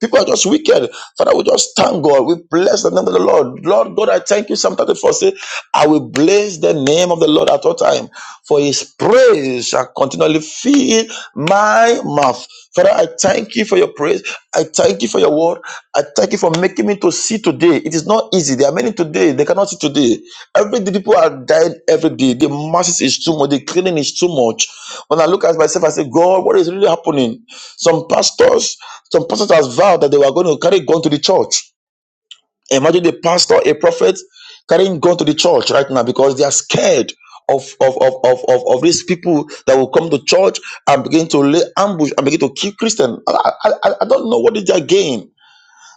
[SPEAKER 4] People are just wicked. Father, we just thank God. We bless the name of the Lord. Lord God, I thank you. Psalm 34 say, I will bless the name of the Lord at all time, for his praise shall continually fill my mouth. Father, I thank you for your praise. I thank you for your word. I thank you for making me to see today. It is not easy. There are many today. They cannot see today. Every day people are dying every day. The masses is too much. The cleaning is too much. When I look at myself, I say, God, what is really happening? Some pastors some pastors has vowed that they were going to carry gun to the church. Imagine a pastor, a prophet, carrying gun to the church right now because they are scared of of, of, of, of, of these people that will come to church and begin to lay ambush and begin to kill Christians. I, I, I I don't know what is their gain.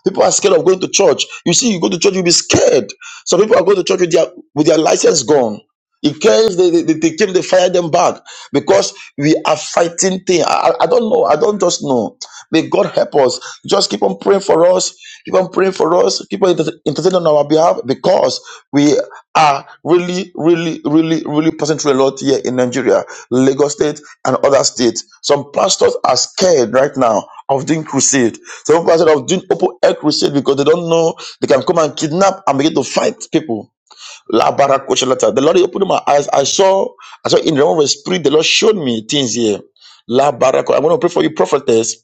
[SPEAKER 4] People are scared of going to church. You see, you go to church, you'll be scared. Some people are going to church with their with their license gone. In case they, they, they came, they fired them back because we are fighting thing. I, I I don't know. I don't just know. May God help us. Just keep on praying for us. Keep on praying for us. Keep on inter- interceding on our behalf because we are really, really, really, really passing through a lot here in Nigeria, Lagos State, and other states. Some pastors are scared right now of doing crusade. Some pastors are doing open air crusade because they don't know they can come and kidnap and begin to fight people. La barakosha lata. The Lord opened my eyes. I saw, I saw in the realm of the spirit, the Lord showed me things here. La barako. I'm going to pray for you, prophetess.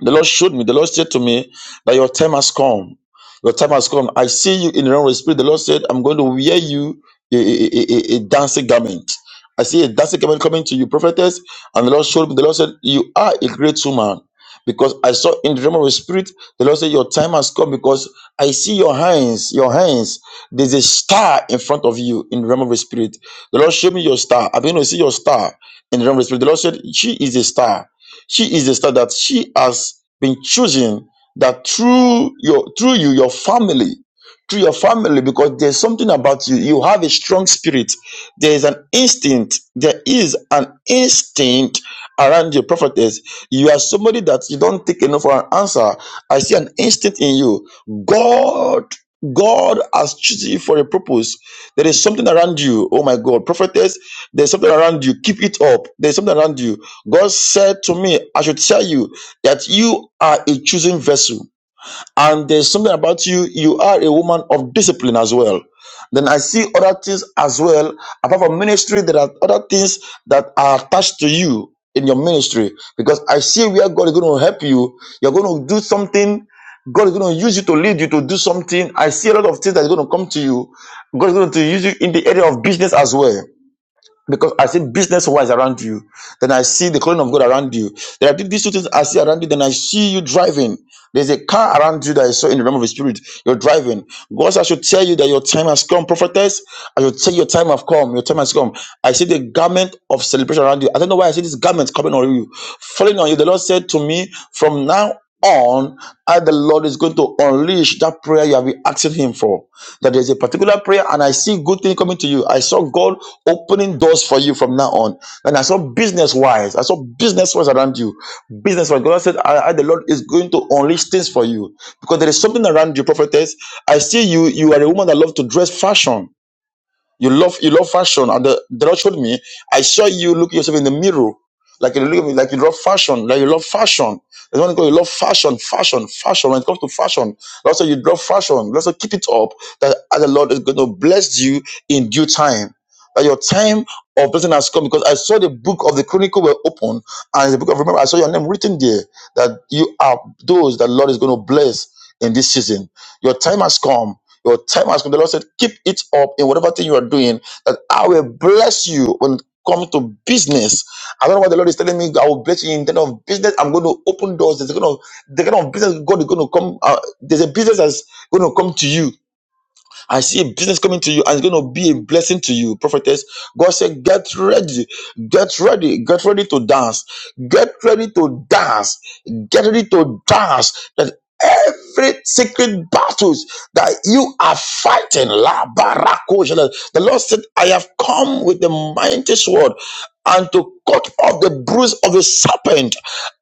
[SPEAKER 4] The Lord showed me. The Lord said to me that your time has come. Your time has come. I see you in the realm of the spirit. The Lord said, I'm going to wear you a, a, a, a a dancing garment. I see a dancing garment coming to you, prophetess. And the Lord showed me. The Lord said, You are a great woman. Because I saw in the realm of the spirit, the Lord said, Your time has come because I see your hands, your hands. There's a star in front of you in the realm of the spirit. The Lord showed me your star. I'm going to see your star in the realm of the spirit. The Lord said, She is a star. She is the star that she has been chosen that through your through you, your family, through your family, because there's something about you. You have a strong spirit. There is an instinct. There is an instinct around your prophetess. You are somebody that you don't take enough for an answer. I see an instinct in you. God, God has chosen you for a purpose. There is something around you. Oh my God, prophetess, there's something around you. Keep it up. There's something around you God said to me, I should tell you that you are a chosen vessel. And there's something about you, you are a woman of discipline as well. Then I see other things as well. Apart from ministry, there are other things that are attached to you in your ministry. Because I see where God is going to help you. You're going to do something. God is going to use you to lead you to do something. I see a lot of things that are going to come to you. God is going to use you in the area of business as well because I see business wise around you, then I see the calling of God around you. There are these two things I see around you, then I see you driving. There's a car around you that I saw in the realm of the spirit. You're driving. God, says, I should tell you that your time has come, prophetess. I should tell you your time has come. Your time has come. I see the garment of celebration around you. I don't know why I see this garment coming on you, falling on you. The Lord said to me, from now on, I, the Lord, is going to unleash that prayer you have been asking Him for that there's a particular prayer and I see good thing coming to you. I saw God opening doors for you from now on. And I saw business wise, I saw business wise around you. Business wise, God said, I, I, the Lord is going to unleash things for you because there is something around you, prophetess. I see you, you are a woman that loves to dress fashion. You love you love fashion, and the, the Lord showed me. I saw you look yourself in the mirror, like you look at me, like you love fashion, like you love fashion. The one God, you love fashion, fashion, fashion. When it comes to fashion, also you love fashion. Also keep it up. That as the Lord is going to bless you in due time. That your time of blessing has come because I saw the book of the Chronicle were open and the book of remember I saw your name written there that you are those that Lord is going to bless in this season. Your time has come your time has come. The Lord said, keep it up in whatever thing you are doing, that I will bless you when it comes to business. I don't know what the Lord is telling me. I will bless you in terms of business. I'm going to open doors. There's a kind of the kind of business God is going to come. Uh, there's a business that's going to come to you. I see a business coming to you and it's going to be a blessing to you, prophetess. God said, Get ready, get ready, get ready to dance, get ready to dance, get ready to dance. That every secret battles that you are fighting, La Barako, Shala- the Lord said, I have come with the mighty sword and to cut off the bruise of the serpent.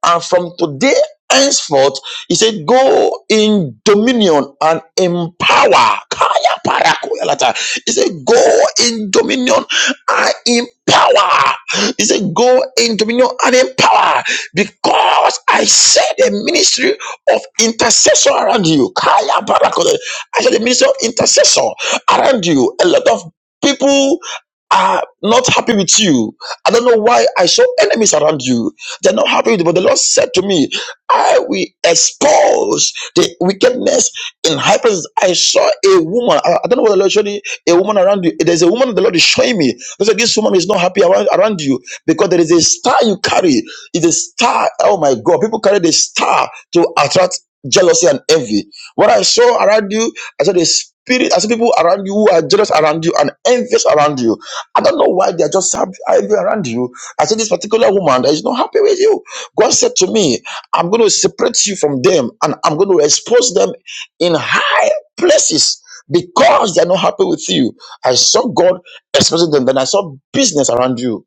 [SPEAKER 4] And from today, henceforth he said, Go in dominion and empower. Kaya parakoya lata. He said, Go in dominion and empower. He said, Go in dominion and empower because I said the ministry of intercessor around you. Kaya parakoya. I said the ministry of intercessor around you. A lot of people are not happy with you. I don't know why I saw enemies around you. They're not happy with you. But the Lord said to me, I will expose the wickedness in high places. I saw a woman. I, I don't know what the Lord showed me. A woman around you. There's a woman the Lord is showing me. That's said, this woman is not happy around, around you because there is a star you carry. It's a star. Oh my God. People carry the star to attract jealousy and envy. What I saw around you, I saw the spirit. I saw people around you who are jealous around you and envious around you. I don't know why they are just happy happy around you. I said, this particular woman that is not happy with you. God said to me, I'm going to separate you from them and I'm going to expose them in high places because they're not happy with you. I saw God exposing them. Then I saw business around you.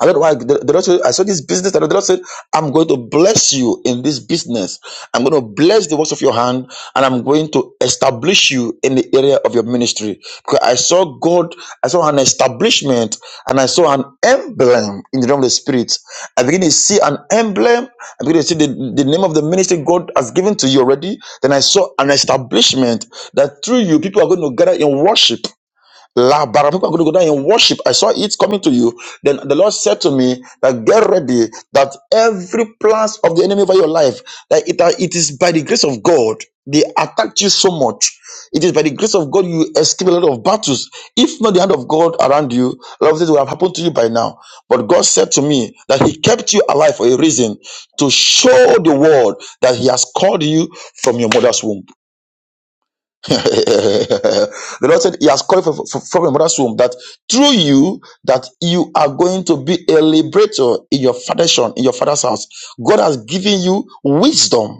[SPEAKER 4] I don't know why the, the Lord said, I saw this business, and the Lord said, I'm going to bless you in this business. I'm going to bless the works of your hand, and I'm going to establish you in the area of your ministry. Because I saw God, I saw an establishment, and I saw an emblem in the realm of the spirit. I begin to see an emblem. I begin to see the, the name of the ministry God has given to you already. Then I saw an establishment that through you, people are going to gather in worship. La Baramiko are going to go down in worship. I saw it coming to you. Then the Lord said to me that get ready that every plans of the enemy over your life, that it, that it is by the grace of God. They attacked you so much. It is by the grace of God you escape a lot of battles. If not the hand of God around you, a lot of things would have happened to you by now. But God said to me that He kept you alive for a reason to show the world that He has called you from your mother's womb. [laughs] the Lord said He has called for, for, from your mother's womb that through you that you are going to be a liberator in your foundation in your father's house. God has given you wisdom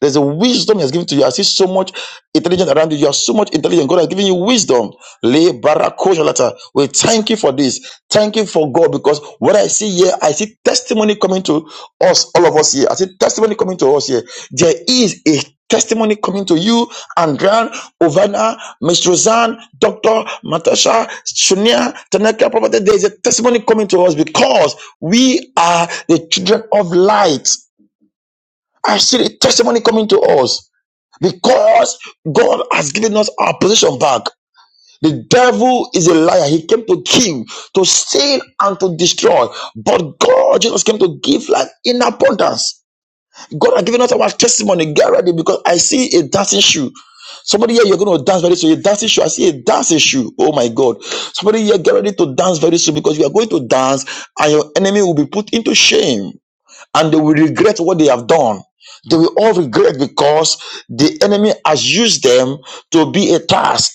[SPEAKER 4] there's a wisdom He has given to you. I see so much intelligence around you. You are so much intelligent. God has given you wisdom. Le barako jalata. We thank you for this. Thank you for God because what I see here, I see testimony coming to us, all of us here. I see testimony coming to us here. There is a testimony coming to you, Andran, Ovana, Miss Roseanne, Dr. Matasha, Shunia, Tanaka, Prophet. There is a testimony coming to us because we are the children of light. I see the testimony coming to us because God has given us our position back. The devil is a liar. He came to kill, to steal, and to destroy. But God, Jesus came to give life in abundance. God has given us our testimony. Get ready because I see a dancing shoe. Somebody here, you're going to dance very soon. A dancing shoe. I see a dancing shoe. Oh my God. Somebody here, get ready to dance very soon because you are going to dance and your enemy will be put into shame and they will regret what they have done. They will all regret because the enemy has used them to be a task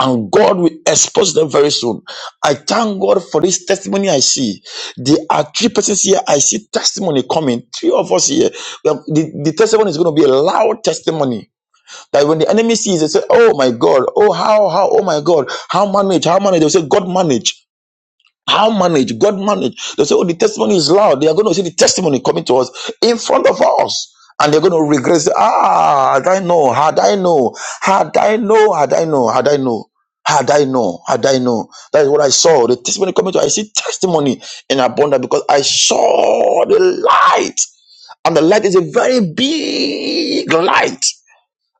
[SPEAKER 4] and God will expose them very soon. I thank God for this testimony I see. There are three persons here. I see testimony coming. Three of us here. We have- The, the testimony is going to be a loud testimony that when the enemy sees, they say, Oh my God. Oh, how, how, oh my God. How manage? How manage? They will say, God manage. How manage? God manage. They say, oh, the testimony is loud. They are going to see the testimony coming to us in front of us. And they're going to regret. Say, Ah, had I know, had I know, had I know, had I know, had I know, had I know, had I know. That is what I saw. The testimony coming to us. I see testimony in abundance because I saw the light. And the light is a very big light.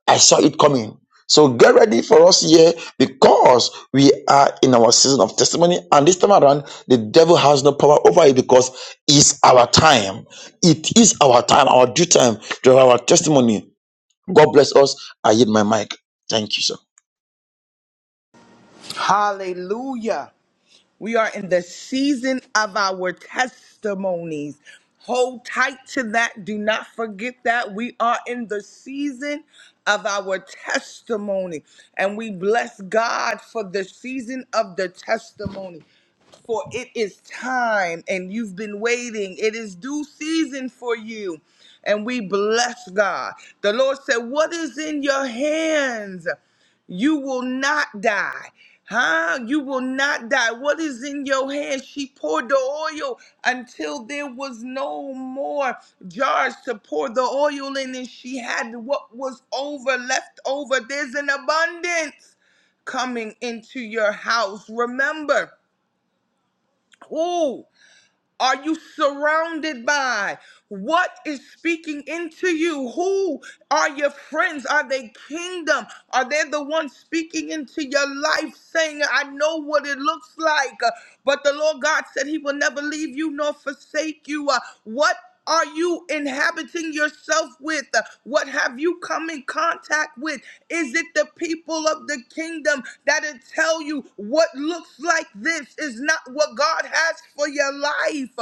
[SPEAKER 4] I saw it coming. So get ready for us here because we are in our season of testimony. And this time around, the devil has no power over it because it's our time. It is our time, our due time to have our testimony. God bless us. I hit my mic. Thank you, sir.
[SPEAKER 3] Hallelujah. We are in the season of our testimonies. Hold tight to that. Do not forget that. We are in the season of our testimony. And we bless God for the season of the testimony for it is time and you've been waiting. It is due season for you. And we bless God. The Lord said, What is in your hands? You will not die. Huh? You will not die. What is in your hand? She poured the oil until there was no more jars to pour the oil in, and she had what was over, left over. There's an abundance coming into your house. Remember, who are you surrounded by? What is speaking into you? Who are your friends? Are they kingdom? Are they the ones speaking into your life saying, I know what it looks like, uh, but the Lord God said he will never leave you nor forsake you? Uh, What are you inhabiting yourself with? Uh, What have you come in contact with? Is it the people of the kingdom that'll tell you what looks like this is not what God has for your life?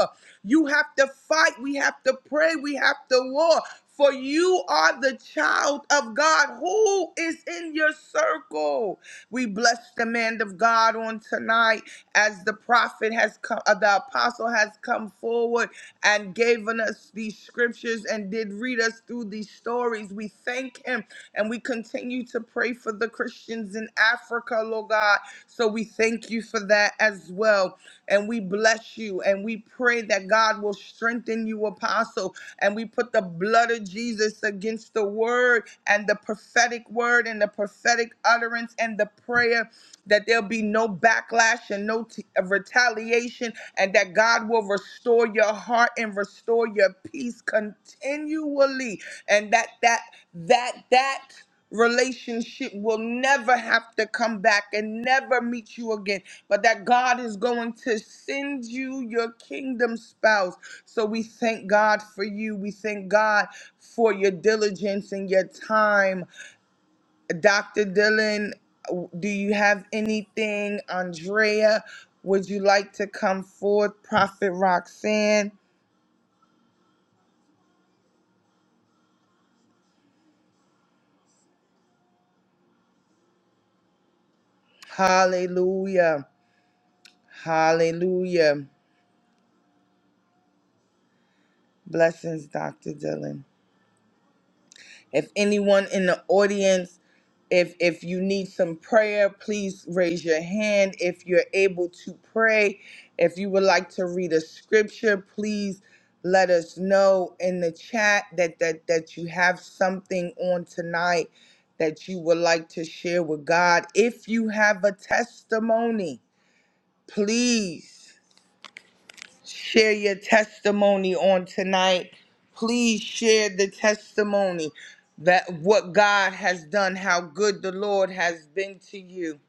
[SPEAKER 3] You have to fight. We have to pray. We have to war. For you are the child of God who is in your circle. We bless the man of God on tonight as the prophet has come, uh, the apostle has come forward and given us these scriptures and did read us through these stories. We thank him and we continue to pray for the Christians in Africa, Lord God. So we thank you for that as well. And we bless you. And we pray that God will strengthen you, Apostle and we put the blood of Jesus against the word and the prophetic word and the prophetic utterance and the prayer that there'll be no backlash and no t- uh, retaliation and that God will restore your heart and restore your peace continually and that that that that relationship will never have to come back and never meet you again, but that God is going to send you your kingdom spouse. So we thank God for you. We thank God for your diligence and your time. Dr. Dylan, do you have anything? Andrea, would you like to come forth? Prophet Roxanne, hallelujah. Hallelujah. Blessings, Dr. Dylan. If anyone in the audience if if you need some prayer, please raise your hand. If you're able to pray, if you would like to read a scripture, please let us know in the chat that that that you have something on tonight that you would like to share with God. If you have a testimony, please share your testimony on tonight. Please share the testimony that what God has done, how good the Lord has been to you.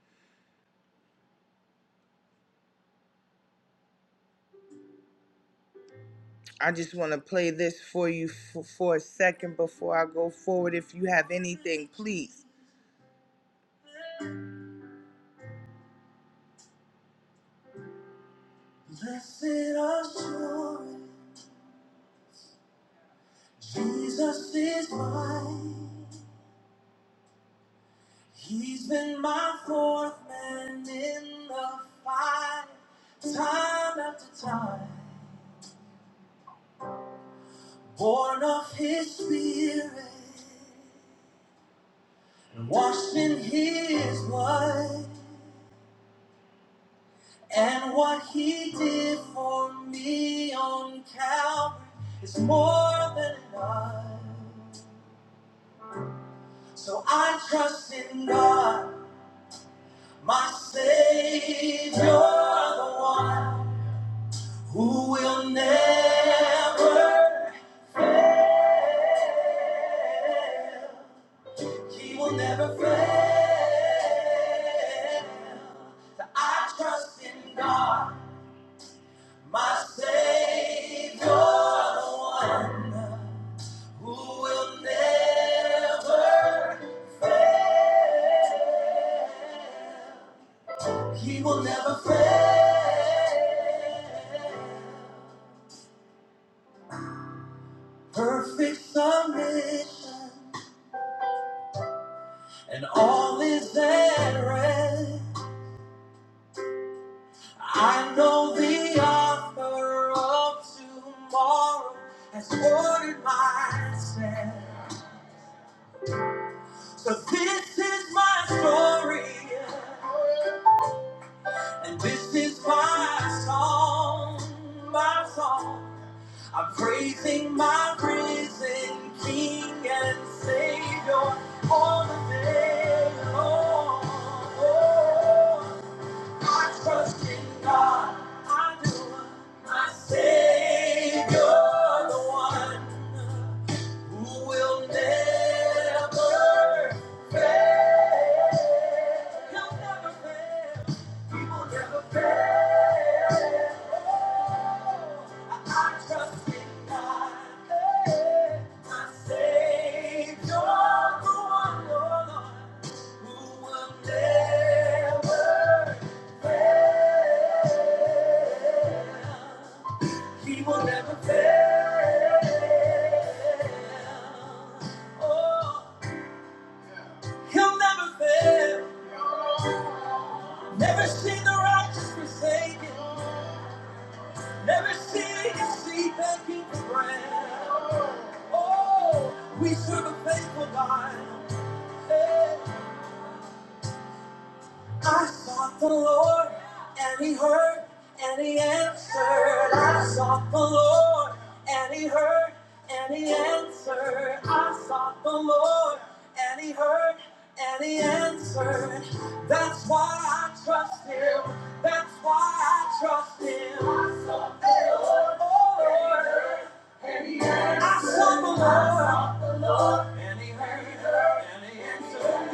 [SPEAKER 3] I just want to play this for you for, for a second before I go forward. If you have anything, please. Blessed assurance, Jesus is mine. He's been my fourth man in the fight, time after time. born of his spirit and washed in his blood and what he did for me on calvary is more than enough so i trust in god my savior the one who will never he will never fail So I trust in God My Savior, the one who will never fail. He will never fail. Perfect submission, and all is at rest. I know the author of tomorrow has ordered my steps. So this is my story. And this is my song, my song. I'm praising my risen King and Savior all the day long. Oh, I trust in God, I do. My Savior, the one. Who will never fail? He'll never fail. He will never fail. I trust in God, eh, my Savior, the one, oh Lord, who will never fail. He will never fail. Oh. He'll never fail. Never seen the righteous forsaken. Never seen his seed begging for bread. Oh, we serve a faithful God. Hey. I sought the Lord, and He heard, and He answered. I sought the Lord, and He heard, and He answered. I sought the Lord, and He heard, and He answered. That's why I trust Him. That's why I trust Him. I sought the Lord, oh Lord. I sought the Lord, I sought the Lord, and He heard, and He answered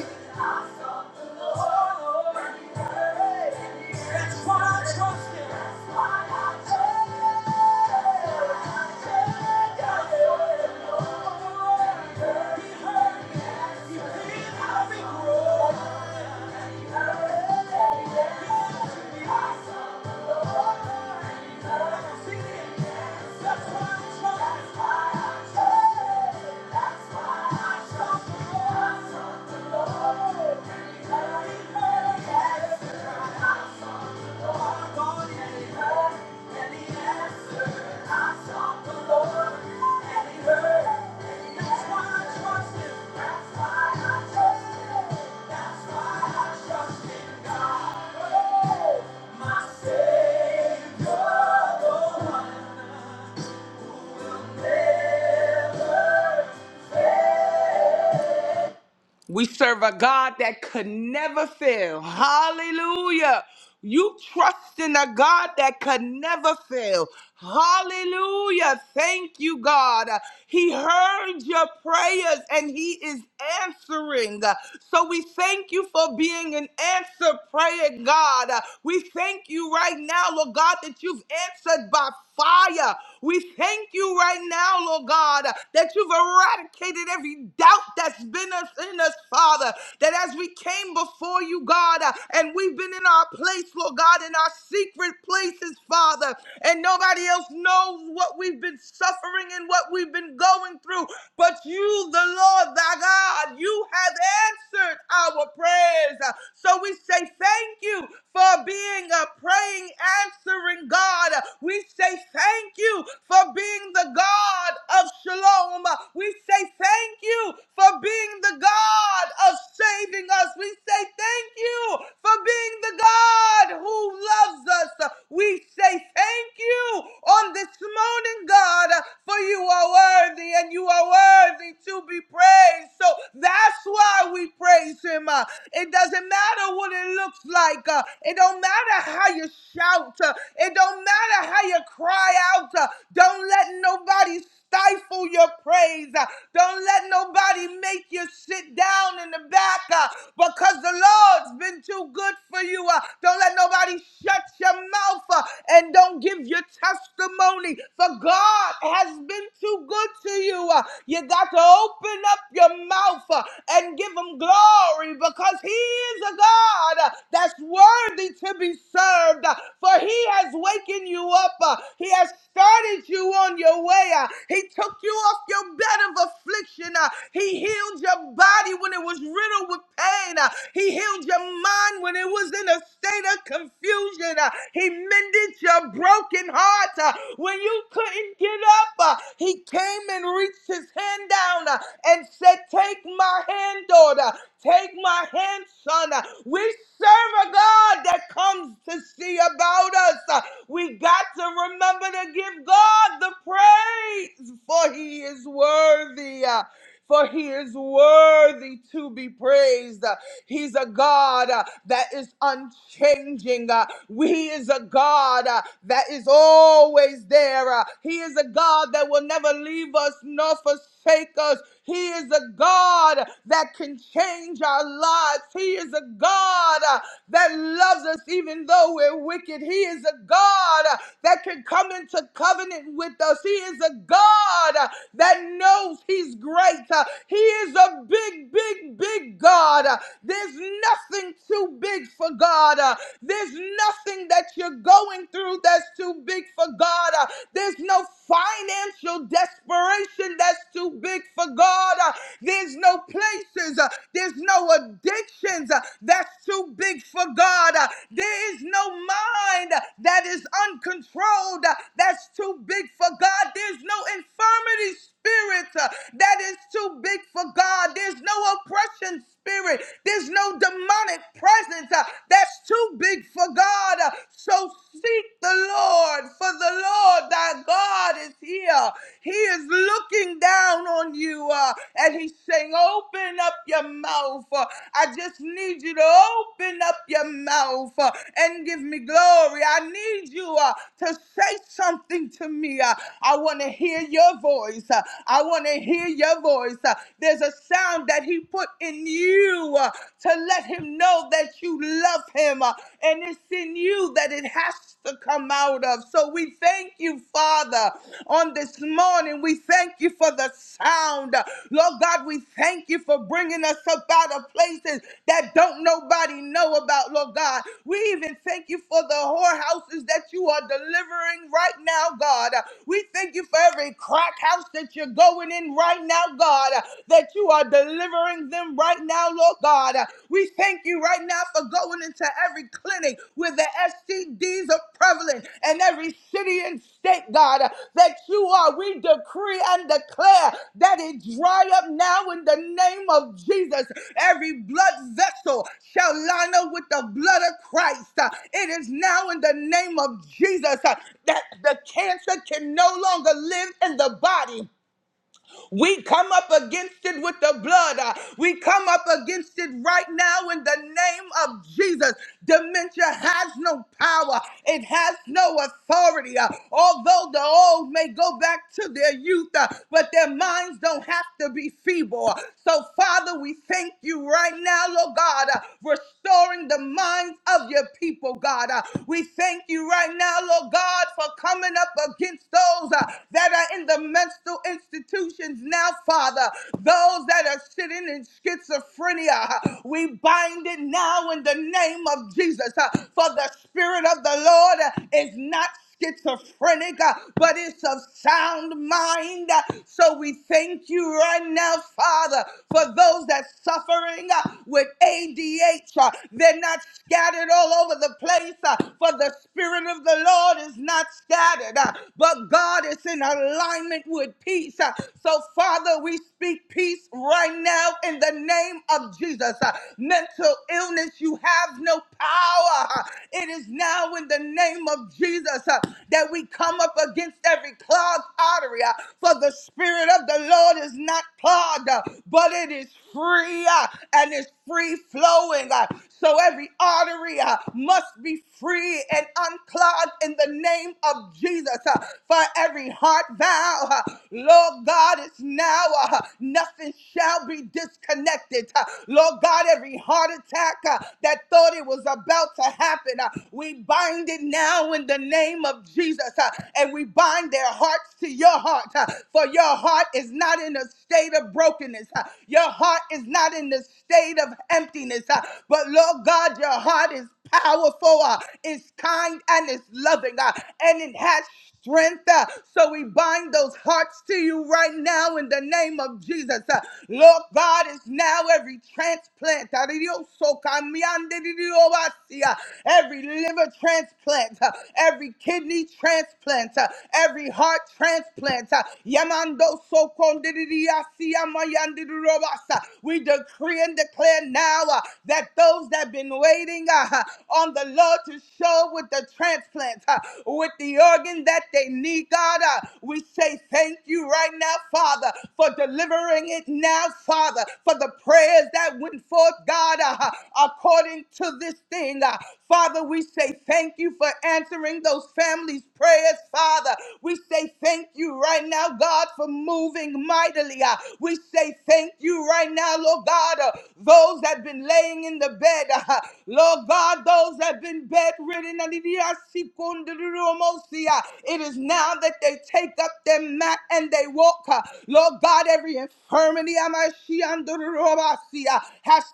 [SPEAKER 3] me. I sought the Lord, and He heard, and He answered. That's why I trust Him. That's why I trust Him. I sought the Lord, He heard me. He heard me. He healed my weak wound. Yes. Savior, the one who will never. We serve a God that could never fail. Hallelujah. You trust in a God that could never fail. Hallelujah. Thank you, God. He heard your prayers and He is answering. So we thank you for being an answer prayer, God. We thank you right now, Lord God, that you've answered by fire. We thank you right now, Lord God, that you've eradicated every doubt that's been us that's in us, Father, that as we came before you, God, uh, and we've been in our place, Lord God, in our secret places, Father, and nobody else knows what we've been suffering and what we've been going through, but you, the Lord, thy God, you have answered our prayers. Uh, So we say thank you for being a praying, answering God. Uh, We say thank you for being the God of shalom. Uh, We say thank you for being being the God of saving us. We say thank you for being the God who loves us. We say thank you on this morning, God, for you are worthy and you are worthy to be praised. So that's why we praise him. Uh, It doesn't matter what it looks like. uh, It don't matter how you shout. uh, It don't matter how you cry out. uh, Don't let nobody stifle your praise. uh, Don't let nobody probably make you sit down in the back uh, because the Lord's been too good for you. Uh, don't let nobody shut your mouth uh, and don't give your testimony, for God has been too good to you. Uh, you got to open up your mouth uh, and give Him glory because He is a God uh, that's worthy to be served, uh, for He has wakened you up, uh, He has started you on your way, uh, He took you off your bed of affliction. uh, he healed your body when it was riddled with pain. Uh, He healed your mind when it was in a state of confusion. Uh, He mended your broken heart uh, when you couldn't get up. Uh, He came and reached his hand down uh, and said, Take my hand, daughter. Take my hand, son. Uh, We serve a God that comes to see about us. Uh, We got to remember to give God the praise, for he is worthy. Uh, for he is worthy to be praised. He's a God uh, that is unchanging. Uh, He is a God uh, that is always there. Uh, He is a God that will never leave us nor forsake us. He is a God that can change our lives. He is a God uh, that loves us even though we're wicked. He is a God uh, that can come into covenant with us. He is a God uh, that knows He's great great. Uh, He is a big, big, big God. Uh, There's nothing too big for God. Uh, There's nothing that you're going through that's too big for God. Uh, There's no financial desperation that's too big for God. Uh, There's no places. uh, There's no addictions uh, that's too big for God. Uh, There is no mind uh, that is uncontrolled uh, that's too big for God. There's no infirmity spirit uh, that is too big for God. There's no oppression spirit. There's no demonic presence uh, that's too big for God. Uh, so seek the Lord, for the Lord thy God is here. He is looking down on you uh, and he's saying, Open up your mouth. Uh, I just need you to open up your mouth uh, and give me glory. I need you uh, to say something to me. Uh, I want to hear your voice. Uh, uh, I want to hear your voice. Uh, There's a sound that He put in you uh, to let Him know that you love Him, uh, and it's in you that it has to come out of. So we thank you, Father, on this morning. We thank you for the sound. Uh, Lord God, we thank you for bringing us up out of places that don't nobody know about, Lord God. We even thank you for the whorehouses that you are delivering right now, God. Uh, We thank you for every crack house that that you're going in right now, God, uh, that you are delivering them right now, Lord God. Uh, We thank you right now for going into every clinic where the STDs are prevalent and every city and state, God, uh, that you are. We decree and declare that it dry up now in the name of Jesus. Every blood vessel shall line up with the blood of Christ. Uh, It is now in the name of Jesus uh, that the cancer can no longer live in the body. We come up against it with the blood. Uh, We come up against it right now in the name of Jesus. Dementia has no power, it has no authority. Uh, Although the old may go back to their youth, uh, but their minds don't have to be feeble. So, Father, we thank you right now, Lord God, uh, restoring the minds of your people, God. Uh, We thank you right now, Lord God, for coming up against those uh, that are in the midst mental institutions now, Father. Those that are sitting in schizophrenia, we bind it now in the name of Jesus. uh, For the Spirit of the Lord uh, is not schizophrenic, uh, but it's of sound mind. Uh, So we thank you right now, Father, for those that suffering uh, with ADH. uh, They're not scattered all over the place, uh, for the Spirit of the Lord is not scattered, uh, but God is in in alignment with peace. Uh, So, Father, we speak peace right now in the name of Jesus. Uh, Mental illness, you have no power. Uh, It is now in the name of Jesus uh, that we come up against every clogged artery. uh, For the Spirit of the Lord is not clogged, uh, but it is free uh, and it's free flowing. uh, so every artery uh, must be free and unclogged in the name of Jesus. uh, For every heart valve, uh, Lord God, it's now uh, nothing shall be disconnected. uh, Lord God, every heart attack uh, that thought it was about to happen, uh, we bind it now in the name of Jesus uh, and we bind their hearts to your heart. uh, For your heart is not in a state of brokenness, uh, your heart is not in the state of emptiness holiness. uh, But Lord God, your heart is powerful, uh, is kind, and is loving, uh, and it has strength. uh, So we bind those hearts to you right now in the name of Jesus. uh, Lord God is now every transplant, uh, every liver transplant, uh, every kidney transplant, uh, every heart transplant. uh, Yamando soko ndididiyasi, yamayandididobasa. We decree and declare declare now uh, that those that have been waiting uh, on the Lord to show with the transplants, uh, with the organ that they need, God, uh, we say thank you right now, Father, for delivering it now, Father, for the prayers that went forth, God, uh, according to this thing. uh, Father, we say thank you for answering those families' prayers, Father. We say thank you right now, God, for moving mightily. uh, We say thank you right now, Lord. Lord God, uh, those that have been laying in the bed, uh, Lord God, those that have been bedridden. and It is now that they take up their mat and they walk. uh, Lord God, every infirmity has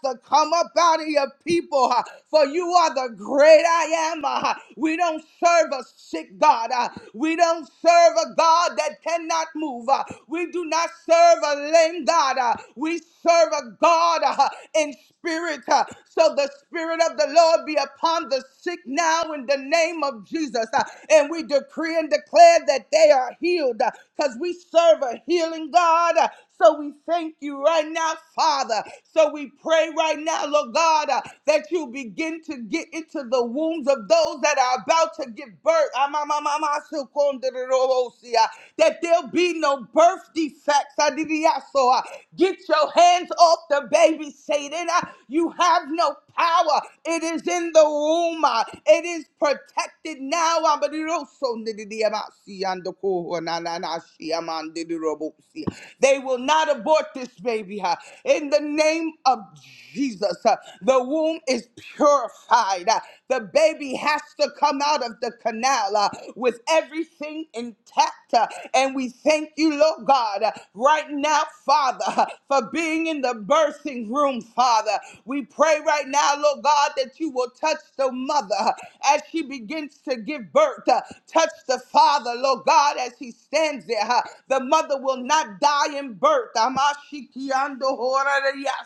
[SPEAKER 3] to come up out of your people, uh, for you are the great I am. uh, We don't serve a sick God. uh, We don't serve a God that cannot move. uh, We do not serve a lame God. uh, We we serve a God uh, in spirit. uh, so the spirit of the Lord be upon the sick now in the name of Jesus. uh, and we decree and declare that they are healed because we serve a healing God. uh, so we thank you right now, Father. So we pray right now, Lord God, uh, that you begin to get into the wombs of those that are about to give birth. Amamamamasukonderosia, That there'll be no birth defects. Adidiaso power. Get your hands off the baby, Satan. Uh, You have no power. It is in the womb. Uh, It is protected now. Uh, they will not abort this baby. uh, In the name of Jesus, Uh, the womb is purified. Uh, The baby has to come out of the canal uh, with everything intact. And we thank you, Lord God, right now, Father, for being in the birthing room, Father. We pray right now, Lord God, that you will touch the mother as she begins to give birth. Touch the father, Lord God, as he stands there. The mother will not die in birth. Amashikiando horarias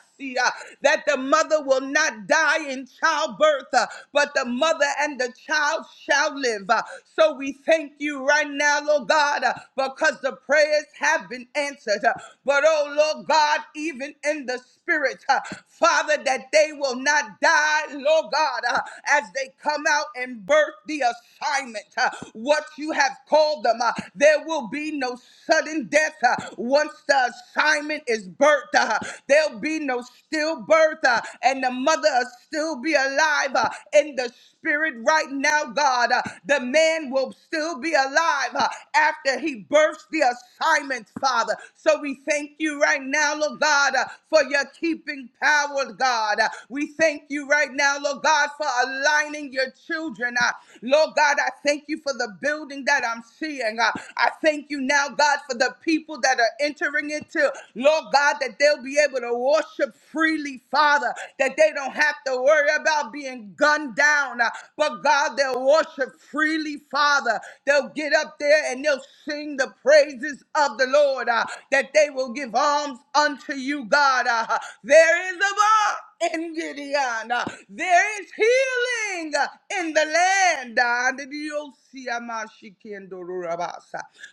[SPEAKER 3] that the mother will not die in childbirth, uh, but the mother and the child shall live. Uh, So we thank you right now, Lord God, uh, because the prayers have been answered. Uh, But oh, Lord God, even in the spirit, uh, Father, that they will not die, Lord God, uh, as they come out and birth the assignment, uh, what you have called them. uh, There will be no sudden death uh, once the assignment assignment is birth. uh, There'll be no stillbirth, uh, and the mother will still be alive uh, in the spirit right now, God. Uh, The man will still be alive uh, after he births the assignment, Father. So we thank you right now, Lord God, uh, for your keeping power, God. Uh, We thank you right now, Lord God, for aligning your children. uh, Lord God, I thank you for the building that I'm seeing. Uh, I thank you now, God, for the people that are entering into, Lord God, that they'll be able to worship freely, Father, that they don't have to worry about being gunned down, uh, but God, they'll worship freely, Father. They'll get up there and they'll sing the praises of the Lord, uh, that they will give alms unto you, God. uh, there is a bar. In Gideon. Uh, There is healing uh, in the land. Uh, uh,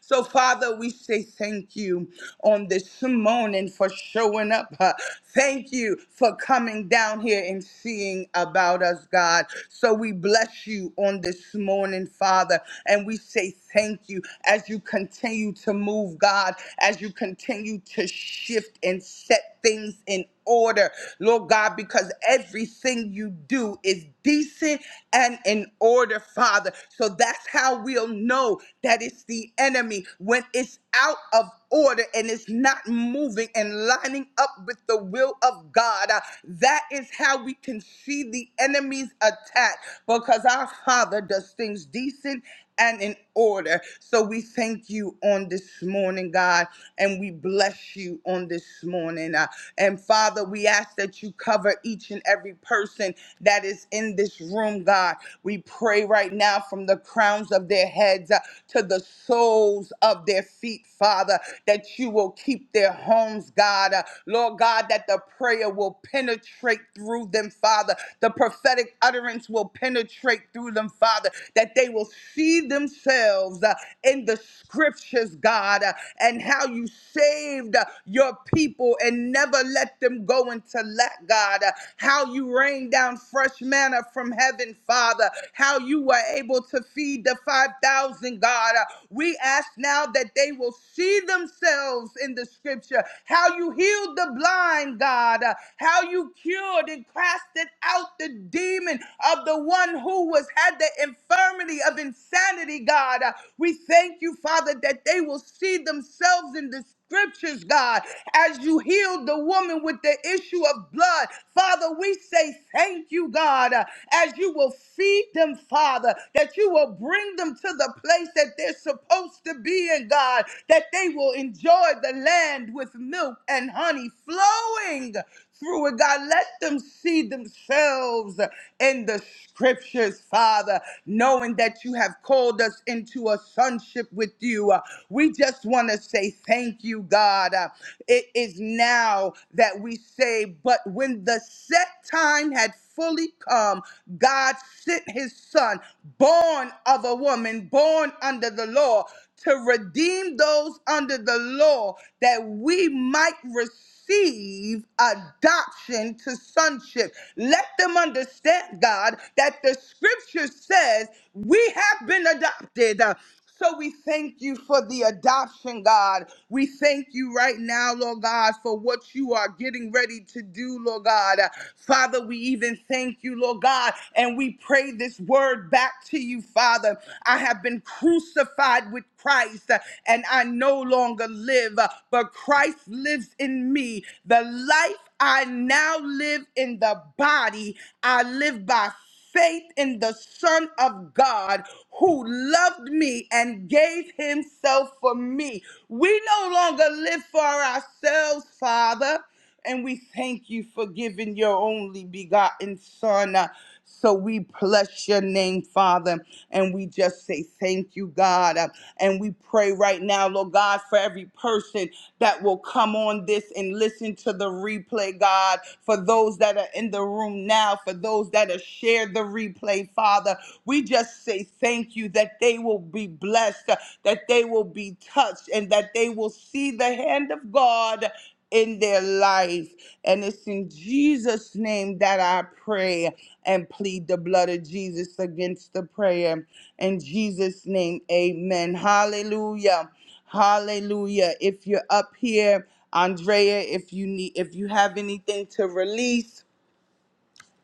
[SPEAKER 3] So, Father, we say thank you on this morning for showing up. uh, Thank you for coming down here and seeing about us, God. So, we bless you on this morning, Father, and we say thank you as you continue to move, God, as you continue to shift and set things in order, Lord God, because everything you do is decent and in order, Father. So that's how we'll know that it's the enemy when it's out of order and it's not moving and lining up with the will of God. Uh, that is how we can see the enemy's attack because our Father does things decent and in order. So we thank you on this morning, God, and we bless you on this morning. Uh, and Father, we ask that you cover each and every person that is in this room, God. We pray right now from the crowns of their heads uh, to the soles of their feet, Father, that you will keep their homes, God. Uh, Lord God, that the prayer will penetrate through them, Father. The prophetic utterance will penetrate through them, Father, that that they will see themselves uh, in the scriptures, God, uh, and how you saved uh, your people and never let them go into lack, God. uh, How you rained down fresh manna from heaven, Father. How you were able to feed the 5,000, God. Uh, We ask now that they will see themselves in the scripture. How you healed the blind, God. Uh, How you cured and casted out the demon of the one who was had the the infirmity of insanity, God. Uh, We thank you, Father, that they will see themselves in the scriptures, God, as you healed the woman with the issue of blood. Father, we say thank you, God, uh, as you will feed them, Father, that you will bring them to the place that they're supposed to be in, God, that they will enjoy the land with milk and honey flowing through it, God. Let them see themselves in the scriptures, Father, knowing that you have called us into a sonship with you. Uh, We just want to say thank you, God. Uh, It is now that we say, but when the set time had fully come, God sent his son, born of a woman, born under the law to redeem those under the law that we might receive adoption to sonship. Let them understand, God, that the scripture says we have been adopted. Uh, So we thank you for the adoption, God. We thank you right now, Lord God, for what you are getting ready to do, Lord God. Uh, Father, we even thank you, Lord God oh God. And we pray this word back to you, Father. I have been crucified with Christ, uh, and I no longer live, uh, but Christ lives in me. The life I now live in the body, I live by faith in the Son of God who loved me and gave himself for me. We no longer live for ourselves, Father. And we thank you for giving your only begotten Son. Uh, So we bless your name, Father. And we just say thank you, God. Uh, And we pray right now, Lord God, for every person that will come on this and listen to the replay, God. For those that are in the room now, for those that have shared the replay, Father, we just say thank you that they will be blessed, uh, that they will be touched, and that they will see the hand of God in their life. And it's in Jesus' name that I pray and plead the blood of Jesus against the prayer. In Jesus' name, amen. Hallelujah. Hallelujah. If you're up here, Andrea, if you need if you have anything to release,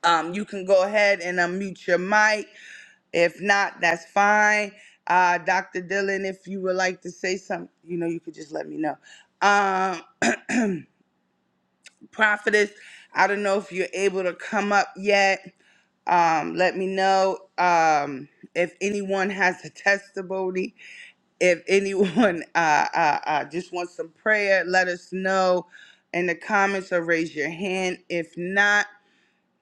[SPEAKER 3] um, you can go ahead and unmute your mic. If not, that's fine. Uh, Dr. Dillon, if you would like to say something, you know, you could just let me know. Um, prophetess. I don't know if you're able to come up yet. Um, let me know um, if anyone has a testimony. If anyone [laughs] uh, uh, uh, just wants some prayer, let us know in the comments or raise your hand. If not,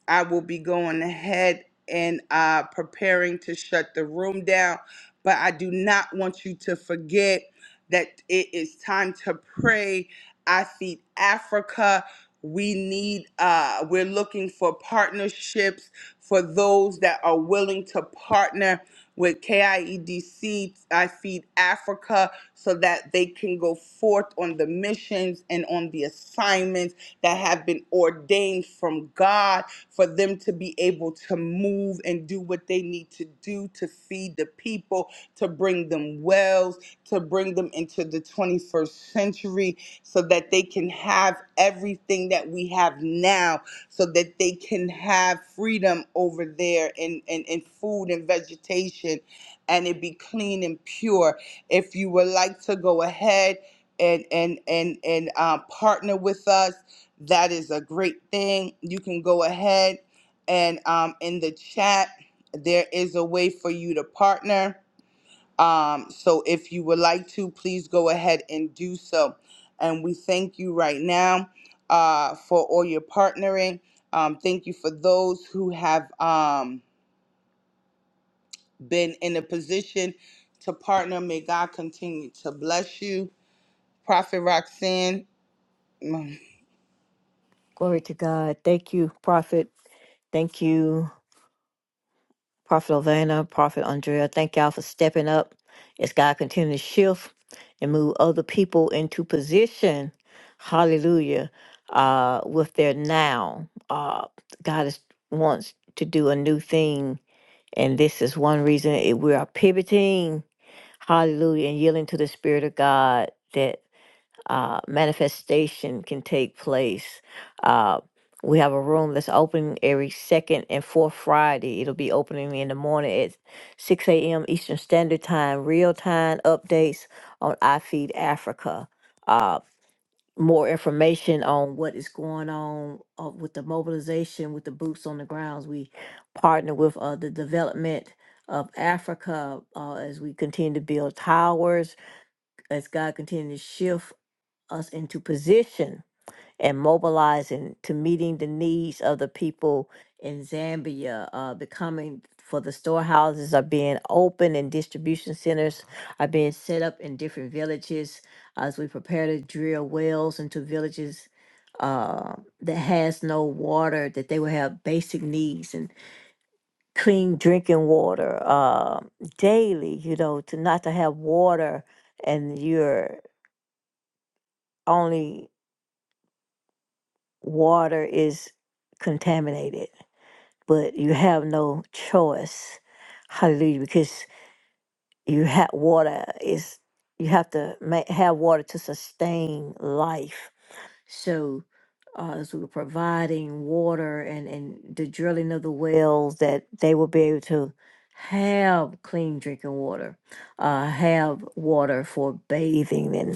[SPEAKER 3] I will be going ahead and uh, preparing to shut the room down. But I do not want you to forget that it is time to pray. I feed Africa. We need, uh, we're looking for partnerships for those that are willing to partner with KIEDC, I Feed Africa, so that they can go forth on the missions and on the assignments that have been ordained from God for them to be able to move and do what they need to do to feed the people, to bring them wells, to bring them into the 21st century so that they can have everything that we have now, so that they can have freedom over there in, in, in food and vegetation and it be clean and pure. If you would like to go ahead and and and and uh, partner with us, that is a great thing. You can go ahead and um, in the chat, there is a way for you to partner um, so if you would like to, please go ahead and do so. And we thank you right now uh, for all your partnering. Um, thank you for those who have um, been in a position to partner. May God continue to bless you. Prophet Roxanne. [laughs]
[SPEAKER 1] Glory to God. Thank you, Prophet. Thank you, Prophet Ovana, Prophet Andrea. Thank y'all for stepping up as God continue to shift and move other people into position. Hallelujah. Uh, with their now, uh, God is, wants to do a new thing And this is one reason it, we are pivoting, hallelujah, and yielding to the Spirit of God that uh, manifestation can take place. Uh, we have a room that's open every second and fourth Friday. It'll be opening in the morning at 6 a.m. Eastern Standard Time, real time updates on iFeed Africa. Uh, more information on what is going on uh, with the mobilization with the boots on the grounds. We partner with uh, the development of Africa uh, as we continue to build towers, as God continue to shift us into position and mobilizing to meeting the needs of the people in Zambia, uh, becoming for the storehouses are being open and distribution centers are being set up in different villages as we prepare to drill wells into villages uh, that has no water, that they will have basic needs and clean drinking water uh, daily, you know, to not to have water and your only water is contaminated but you have no choice. Hallelujah, because you have water is you have to make, have water to sustain life. So, uh, so we're providing water and and the drilling of the wells that they will be able to have clean drinking water, uh, have water for bathing and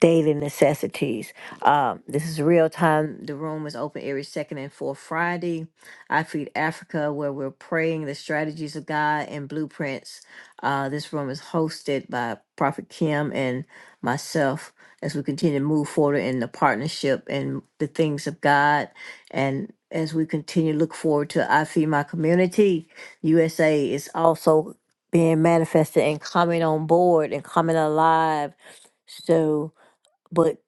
[SPEAKER 1] daily necessities. Um, this is real time. The room is open every second and fourth Friday. I Feed Africa, where we're praying the strategies of God and blueprints. Uh, this room is hosted by Prophet Kim and myself as we continue to move forward in the partnership and the things of God. And as we continue to look forward to I Feed My Community, USA is also being manifested and coming on board and coming alive. So, but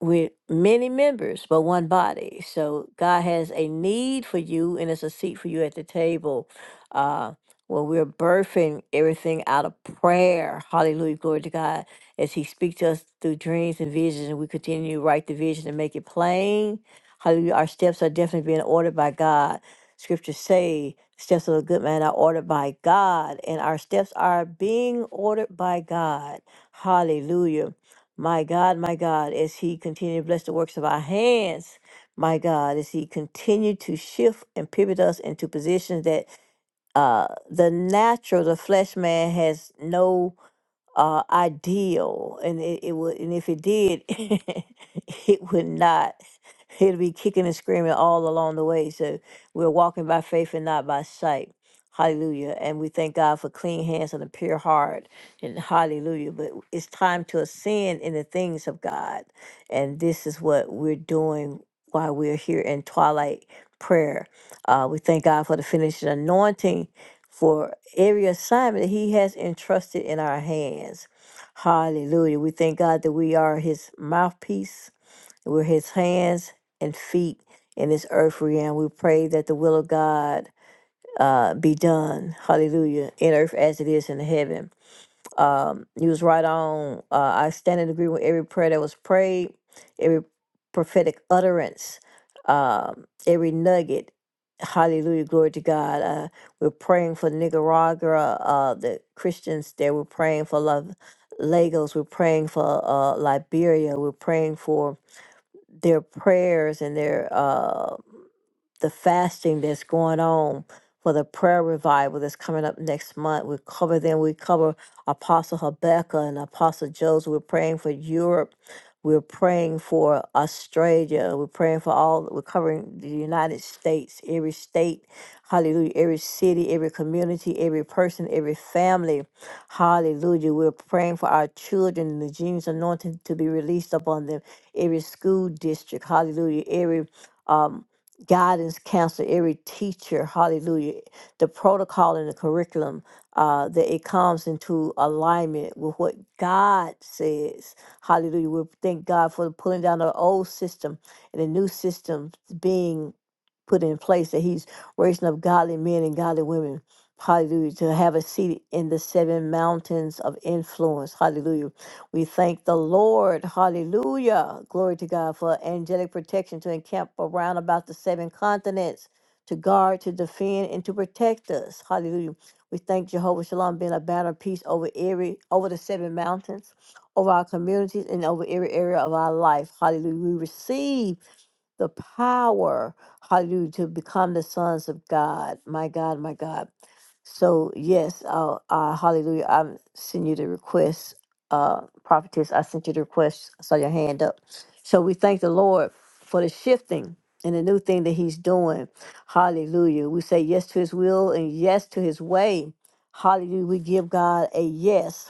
[SPEAKER 1] we're many members, but one body. So God has a need for you, and it's a seat for you at the table. Uh, when we're birthing everything out of prayer, hallelujah, glory to God, as He speaks to us through dreams and visions, and we continue to write the vision and make it plain. Hallelujah, our steps are definitely being ordered by God. Scriptures say, steps of a good man are ordered by God, and our steps are being ordered by God. Hallelujah my God, my God, as He continue to bless the works of our hands, my God, as He continue to shift and pivot us into positions that uh, the natural, the flesh man has no uh, ideal, and it, it would, and if it did, [laughs] it would not. It'd be kicking and screaming all along the way. So we're walking by faith and not by sight. Hallelujah. And we thank God for clean hands and a pure heart. And hallelujah. But it's time to ascend in the things of God. And this is what we're doing while we're here in twilight prayer. Uh, we thank God for the finishing anointing for every assignment he has entrusted in our hands. Hallelujah. We thank God that we are his mouthpiece, we're his hands and feet in this earth realm. We pray that the will of God uh, be done. Hallelujah. In earth as it is in heaven. Um, you was right on. Uh, I stand in agreement with every prayer that was prayed, every prophetic utterance, um, every nugget. Hallelujah, glory to God. Uh, we're praying for Nicaragua, uh, the Christians there. We're praying for love, Lagos. We're praying for uh, Liberia. We're praying for their prayers and their. uh the fasting that's going on for the prayer revival that's coming up next month. We cover them. We cover Apostle Habakkuk and Apostle Joseph. We're praying for Europe. We're praying for Australia. We're praying for all. We're covering the United States, every state. Hallelujah. Every city, every community, every person, every family. Hallelujah. We're praying for our children and the genius anointing to be released upon them. Every school district. Hallelujah. Every. um guidance counselor, every teacher, hallelujah, the protocol and the curriculum, uh, that it comes into alignment with what God says. Hallelujah. We thank God for pulling down the old system and the new system being put in place that he's raising up godly men and godly women. Hallelujah. To have a seat in the seven mountains of influence. Hallelujah. We thank the Lord. Hallelujah. Glory to God for angelic protection to encamp around about the seven continents, to guard, to defend, and to protect us. Hallelujah. We thank Jehovah Shalom being a banner of peace over every over the seven mountains, over our communities, and over every area of our life. Hallelujah. We receive the power, hallelujah, to become the sons of God. My God, my God. So, yes, uh, uh, hallelujah. I am sending you the request, uh, prophetess. I sent you the request. I saw your hand up. So, we thank the Lord for the shifting and the new thing that He's doing. Hallelujah. We say yes to His will and yes to His way. Hallelujah. We give God a yes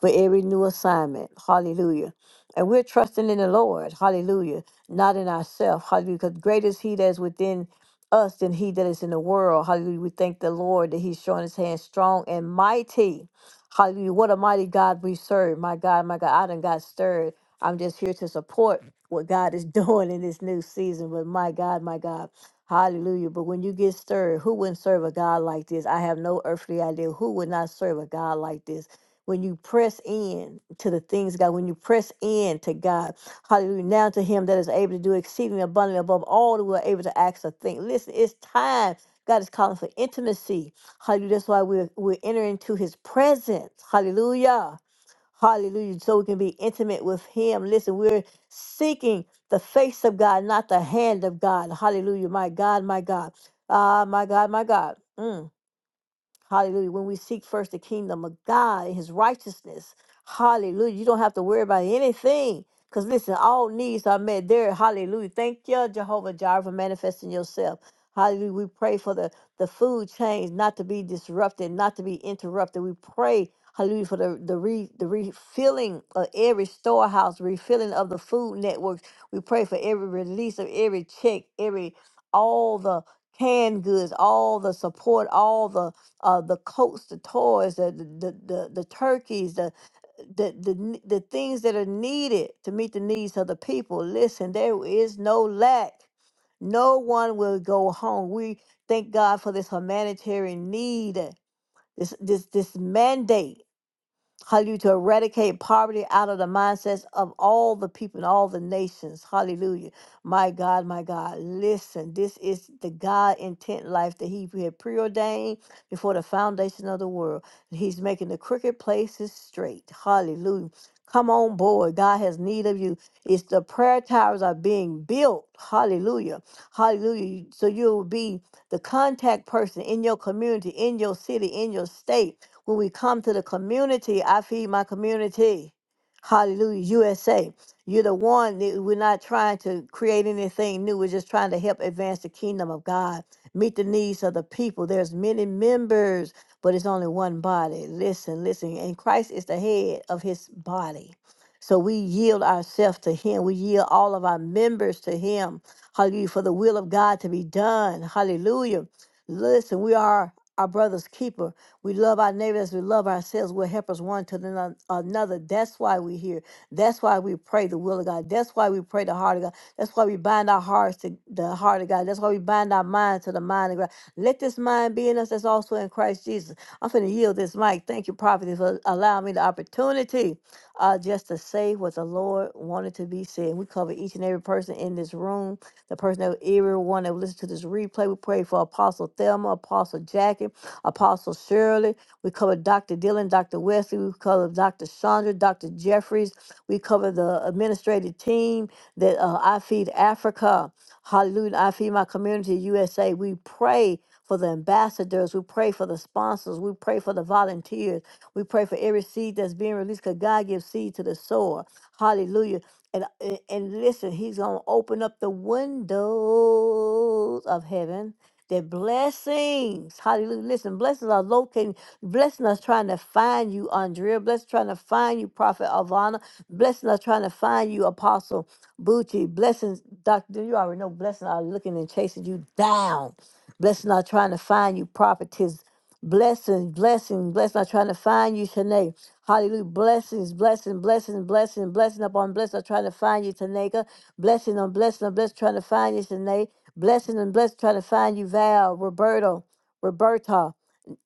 [SPEAKER 1] for every new assignment. Hallelujah. And we're trusting in the Lord. Hallelujah. Not in ourselves. Hallelujah. Because greater is He that is within us than He that is in the world. Hallelujah. We thank the Lord that He's showing His hand strong and mighty. Hallelujah. What a mighty God we serve. My God, my God. I done got stirred. I'm just here to support what God is [laughs] doing in this new season. But my God, my God. Hallelujah. But when you get stirred, who wouldn't serve a God like this? I have no earthly idea who would not serve a God like this when you press in to the things of God, when you press in to God, hallelujah, now to Him that is able to do exceedingly abundantly above all that we're able to ask or think. Listen, it's time. God is calling for intimacy. Hallelujah. That's why we're, we're entering into His presence. Hallelujah. Hallelujah. So we can be intimate with Him. Listen, we're seeking the face of God, not the hand of God. Hallelujah. My God, my God. Ah, my God, my God. Mm. Hallelujah. When we seek first the kingdom of God and his righteousness, hallelujah. You don't have to worry about anything. Because listen, all needs are met there. Hallelujah. Thank you, Jehovah Jireh, for manifesting yourself. Hallelujah. We pray for the, the food chains not to be disrupted, not to be interrupted. We pray, hallelujah, for the, the, re, the refilling of every storehouse, refilling of the food networks. We pray for every release of every check, every all the canned goods, all the support, all the uh, the coats, the toys, the the the, the turkeys, the the, the n- the things that are needed to meet the needs of the people. Listen, there is no lack. No one will go home. We thank God for this humanitarian need, this this this mandate Hallelujah. To eradicate poverty out of the mindsets of all the people and all the nations. Hallelujah. My God, my God. Listen, this is the God intent life that He had preordained before the foundation of the world. He's making the crooked places straight. Hallelujah. Come on board. God has need of you. It's the prayer towers are being built. Hallelujah. Hallelujah. So you'll be the contact person in your community, in your city, in your state when we come to the community, I feed my community. Hallelujah, USA. You're the one that we're not trying to create anything new. We're just trying to help advance the kingdom of God, meet the needs of the people. There's many members, but it's only one body. Listen, listen. And Christ is the head of his body. So we yield ourselves to him. We yield all of our members to him. Hallelujah. For the will of God to be done. Hallelujah. Listen, we are our brother's keeper. We love our neighbors. We love ourselves. We're helpers one to the no- another. That's why we're here. That's why we pray the will of God. That's why we pray the heart of God. That's why we bind our hearts to the heart of God. That's why we bind our minds to the mind of God. Let this mind be in us that's also in Christ Jesus. I'm finna yield this mic. Thank you, prophet, for allowing me the opportunity uh, just to say what the Lord wanted to be said. We cover each and every person in this room, the person that everyone that listened to this replay. We pray for Apostle Thelma, Apostle Jackie. Apostle Shirley. We cover Dr. Dillon, Dr. Wesley. We cover Dr. Chandra, Dr. Jeffries. We cover the administrative team that uh, I Feed Africa. Hallelujah. I Feed My Community USA. We pray for the ambassadors. We pray for the sponsors. We pray for the volunteers. We pray for every seed that's being released because God gives seed to the sower. Hallelujah. And, and and listen, He's going to open up the windows of heaven that blessings, hallelujah. Listen, blessings are locating, blessing us trying to find you, Andrea. Blessing trying to find you, Prophet Avana. Blessing us trying to find you, Apostle Bucci. Blessings, Doctor, you already know blessings are looking and chasing you down. Blessings are trying to find you, Prophetess. Blessings, blessings, blessings are trying to find you, Shanae. Hallelujah. Blessings, blessing, blessing, blessing, blessing upon blessing. I'm trying to find you, Tanaka. Blessing on blessing on blessing, trying to find you, Shanae. Blessing and blessed trying to find you, Val, Roberto, Roberta.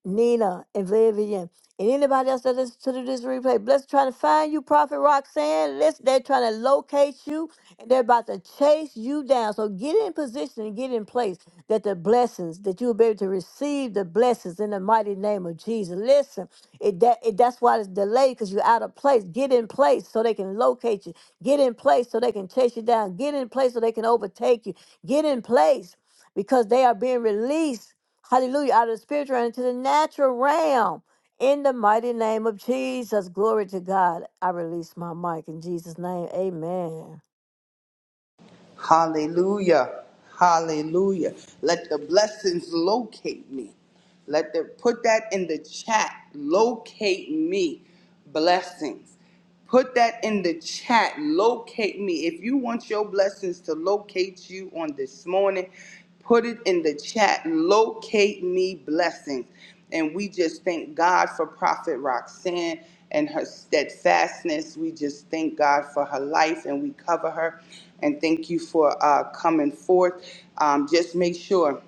[SPEAKER 1] Nina and Vivian and anybody else that listens to this replay. Bless trying to find you, Prophet Roxanne. Listen, they're trying to locate you and they're about to chase you down. So get in position and get in place that the blessings that you'll be able to receive the blessings in the mighty name of Jesus. Listen, it that it, that's why it's delayed because you're out of place. Get in place so they can locate you. Get in place so they can chase you down. Get in place so they can overtake you. Get in place because they are being released. Hallelujah. Out of the spiritual realm into the natural realm. In the mighty name of Jesus. Glory to God. I release my mic in Jesus' name. Amen.
[SPEAKER 3] Hallelujah. Hallelujah. Let the blessings locate me. Let the put that in the chat. Locate me. Blessings. Put that in the chat. Locate me. If you want your blessings to locate you on this morning, Put it in the chat. Locate me blessings. And we just thank God for Prophet Roxanne and her steadfastness. We just thank God for her life and we cover her. And thank you for uh, coming forth. Um, just make sure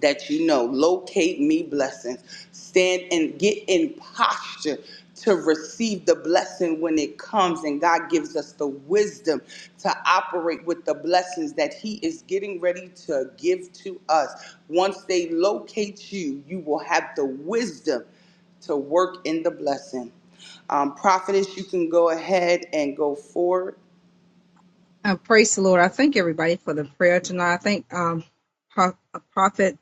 [SPEAKER 3] that you know. Locate me blessings. Stand and get in posture to receive the blessing when it comes. And God gives us the wisdom to operate with the blessings that He is getting ready to give to us. Once they locate you, you will have the wisdom to work in the blessing. Um, prophetess, you can go ahead and go forward.
[SPEAKER 5] Uh, praise the Lord. I thank everybody for the prayer tonight. I thank um, Pro- uh, Prophet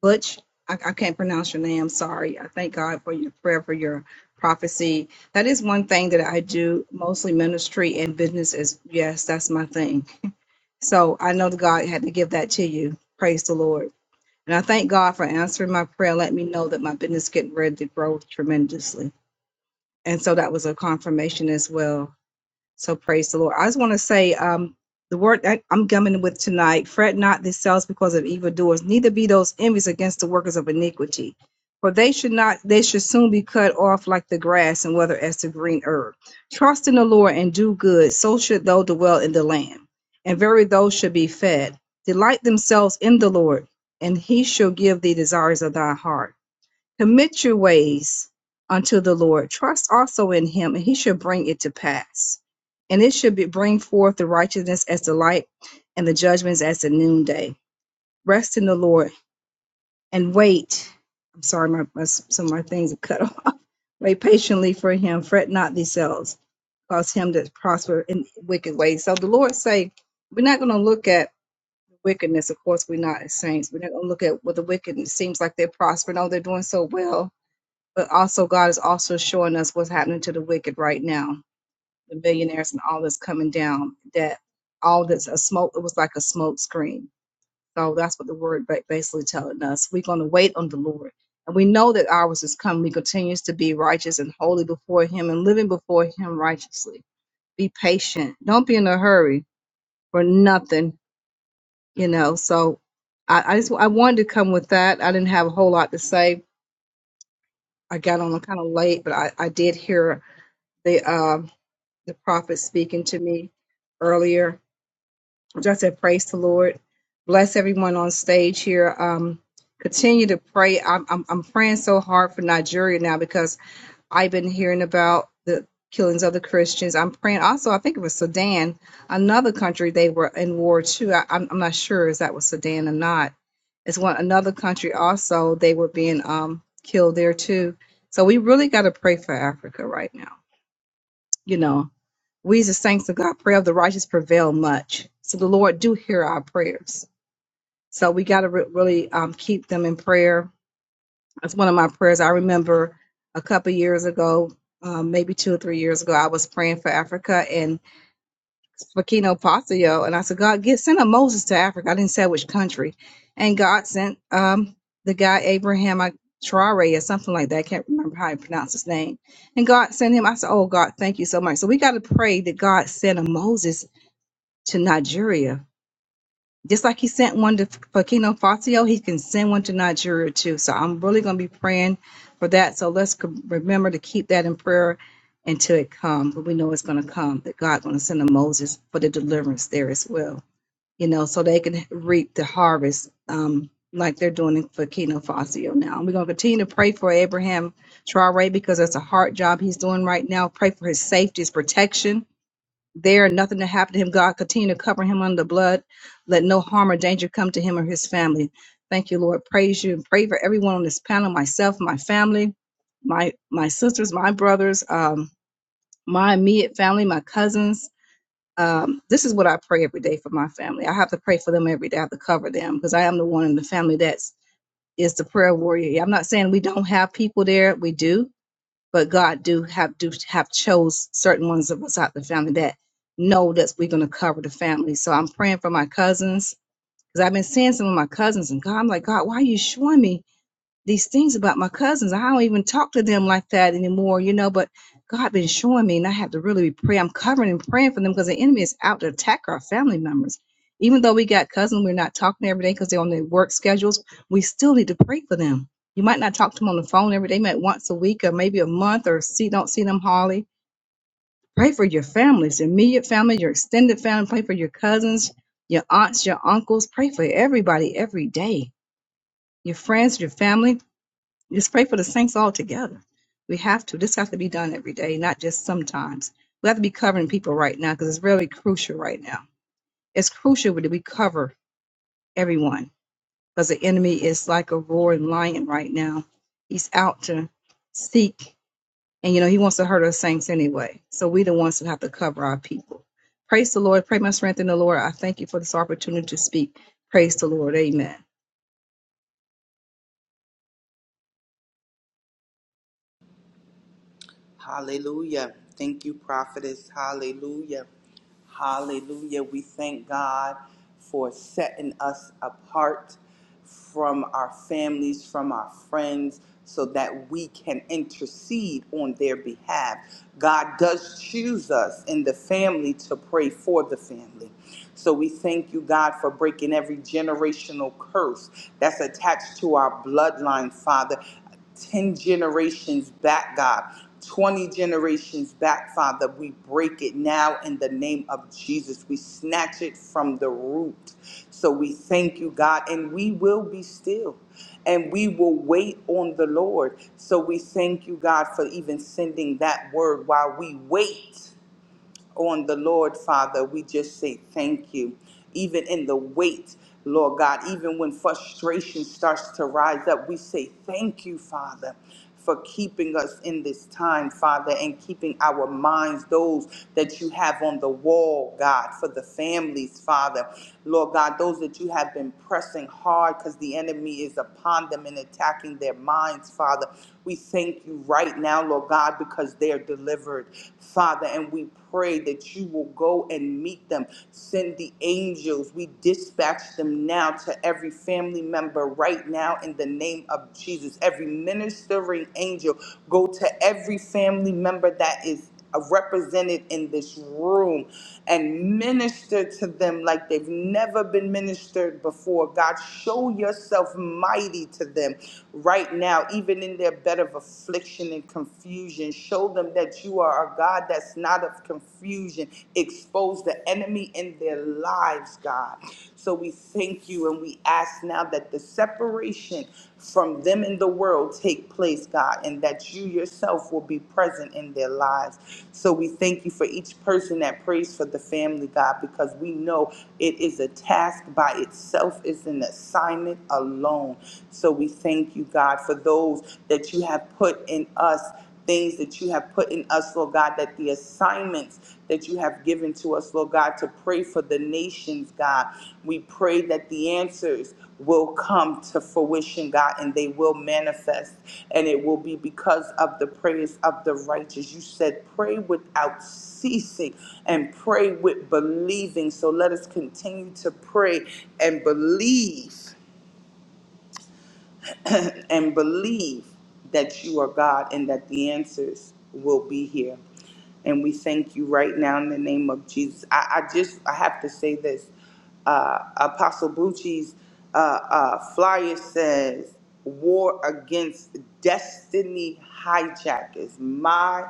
[SPEAKER 5] Butch. I, I can't pronounce your name. I'm Sorry. I thank God for your prayer, for your prophecy. That is one thing that I do, mostly ministry and business is, yes, that's my thing. So I know that God had to give that to you. Praise the Lord. And I thank God for answering my prayer. Let me know that my business getting ready to grow tremendously. And so that was a confirmation as well. So praise the Lord. I just want to say um, the word that I'm coming with tonight fret not yourselves because of evildoers, neither be those envious against the workers of iniquity. For they should not, they should soon be cut off like the grass and wither as the green herb. Trust in the Lord and do good, so should thou dwell in the land. And very those should be fed. Delight themselves in the Lord, and he shall give thee desires of thy heart. Commit your ways unto the Lord. Trust also in him, and he shall bring it to pass. And it should be bring forth the righteousness as the light and the judgments as the noonday. Rest in the Lord and wait. I'm sorry, my, my some of my things are cut off. [laughs] Wait patiently for him. Fret not themselves, cause him that prosper in wicked ways. So the Lord say, we're not going to look at wickedness. Of course, we're not as saints. We're not going to look at what the wicked seems like they're prospering. Oh, they're doing so well but also God is also showing us what's happening to the wicked right now, the billionaires and all that's coming down. That all that's a smoke. It was like a smoke screen. So that's what the word ba- basically telling us. We're going to wait on the Lord, and we know that ours is coming. We continues to be righteous and holy before Him, and living before Him righteously. Be patient. Don't be in a hurry for nothing. You know. So I, I just I wanted to come with that. I didn't have a whole lot to say. I got on kind of late, but I, I did hear the um the prophet speaking to me earlier. Just said, praise the Lord. Bless everyone on stage here. Um, continue to pray. I'm, I'm, I'm praying so hard for Nigeria now because I've been hearing about the killings of the Christians. I'm praying also, I think it was Sudan, another country they were in war too. I, I'm, I'm not sure if that was Sudan or not. It's one another country also they were being um, killed there too. So we really got to pray for Africa right now. You know, we, as the saints of God, prayer of the righteous prevail much. So the Lord do hear our prayers. So we got to re- really um, keep them in prayer. That's one of my prayers. I remember a couple years ago, um, maybe two or three years ago, I was praying for Africa and Burkina Faso, and I said, God, get send a Moses to Africa. I didn't say which country, and God sent um, the guy Abraham I- Traore or something like that. I can't remember how he pronounced his name. And God sent him. I said, Oh God, thank you so much. So we got to pray that God send a Moses to Nigeria. Just like he sent one to Fakino Fasio, he can send one to Nigeria too. So I'm really going to be praying for that. So let's c- remember to keep that in prayer until it comes. But we know it's going to come, that God's going to send a Moses for the deliverance there as well, you know, so they can reap the harvest um, like they're doing in Fakino Fasio now. And we're going to continue to pray for Abraham Traore because that's a hard job he's doing right now. Pray for his safety, his protection there, nothing to happen to him. God, continue to cover him under the blood. Let no harm or danger come to him or his family. Thank you, Lord. Praise you and pray for everyone on this panel, myself, my family, my my sisters, my brothers, um, my immediate family, my cousins. Um, this is what I pray every day for my family. I have to pray for them every day. I have to cover them because I am the one in the family that's is the prayer warrior. I'm not saying we don't have people there. We do but God do have do have chose certain ones of us out the family that know that we're gonna cover the family. So I'm praying for my cousins because I've been seeing some of my cousins and God, I'm like, God, why are you showing me? these things about my cousins. I don't even talk to them like that anymore, you know. But God been showing me, and I have to really be pray. I'm covering and praying for them because the enemy is out to attack our family members. Even though we got cousins, we're not talking every day because they're on their work schedules. We still need to pray for them. You might not talk to them on the phone every day, maybe once a week or maybe a month, or see don't see them hardly. Pray for your families, your immediate family, your extended family. Pray for your cousins, your aunts, your uncles. Pray for everybody every day. Your friends, your family just pray for the saints all together. We have to. This has to be done every day, not just sometimes. We have to be covering people right now because it's really crucial right now. It's crucial that we cover everyone because the enemy is like a roaring lion right now. He's out to seek, and you know, he wants to hurt our saints anyway. So we the ones that have to cover our people. Praise the Lord. Pray my strength in the Lord. I thank you for this opportunity to speak. Praise the Lord. Amen.
[SPEAKER 3] Hallelujah. Thank you, prophetess. Hallelujah. Hallelujah. We thank God for setting us apart from our families, from our friends, so that we can intercede on their behalf. God does choose us in the family to pray for the family. So we thank you, God, for breaking every generational curse that's attached to our bloodline, Father. 10 generations back, God, 20 generations back, Father. We break it now in the name of Jesus. We snatch it from the root. So we thank you, God, and we will be still and we will wait on the Lord. So we thank you, God, for even sending that word while we wait on the Lord, Father. We just say thank you. Even in the weight, Lord God, even when frustration starts to rise up, we say thank you, Father. For keeping us in this time, Father, and keeping our minds, those that you have on the wall, God, for the families, Father. Lord God, those that you have been pressing hard because the enemy is upon them and attacking their minds, Father. We thank you right now, Lord God, because they are delivered, Father, and we pray that you will go and meet them. Send the angels. We dispatch them now to every family member right now in the name of Jesus. Every ministering angel, go to every family member that is uh, represented in this room and minister to them like they've never been ministered before. God, show yourself mighty to them right now, even in their bed of affliction and confusion. Show them that you are a God that's not of confusion. Expose the enemy in their lives, God. So we thank you and we ask now that the separation from them and the world take place, God, and that you yourself will be present in their lives. So we thank you for each person that prays for the family, God, because we know it is a task by itself, it's an assignment alone. So we thank you, God, for those that you have put in us things that you have put in us, Lord God, that the assignments that you have given to us, Lord God, to pray for the nations, God. We pray that the answers will come to fruition, God, and they will manifest. And it will be because of the prayers of the righteous. You said, pray without ceasing and pray with believing. So let us continue to pray and believe [coughs] [clears throat] and believe that you are God and that the answers will be here. And we thank you right now in the name of Jesus. I, I just I have to say this. Uh, Apostle Bucci's uh, uh, flyer says, "War against destiny hijackers." My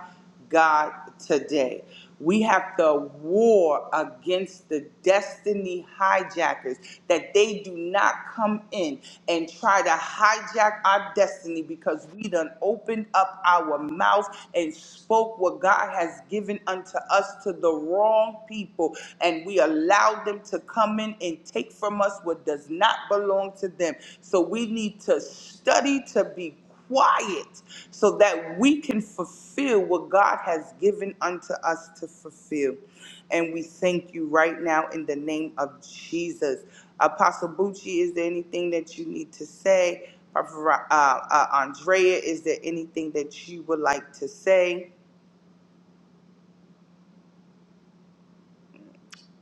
[SPEAKER 3] God, today. We have to war against the destiny hijackers that they do not come in and try to hijack our destiny because we done opened up our mouths and spoke what God has given unto us to the wrong people and we allowed them to come in and take from us what does not belong to them. So we need to study to be quiet so that we can fulfill what God has given unto us to fulfill. And we thank you right now in the name of Jesus. Apostle Bucci, is there anything that you need to say? Prophet Ra- Uh, uh, Andrea, is there anything that you would like to say?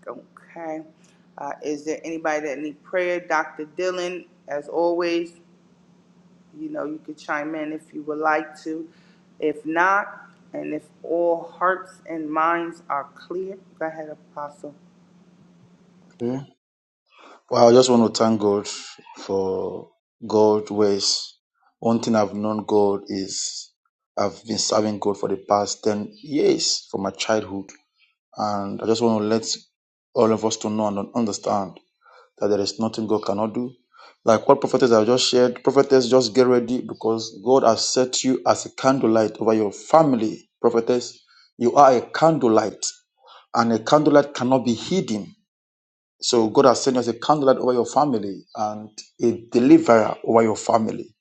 [SPEAKER 3] Okay. Uh, is there anybody that need prayer? Dr. Dillon, as always. You know, you could chime in if you would like to. If not, and if all hearts and minds are clear, go ahead, Apostle.
[SPEAKER 4] Okay. Well, I just want to thank God for God ways. One thing I've known God is I've been serving God for the past 10 years from my childhood. And I just want to let all of us to know and understand that there is nothing God cannot do. Like what prophetess I just shared, prophetess, just get ready because God has set you as a candlelight over your family. Prophetess, you are a candlelight, and a candlelight cannot be hidden. So God has sent you as a candlelight over your family and a deliverer over your family,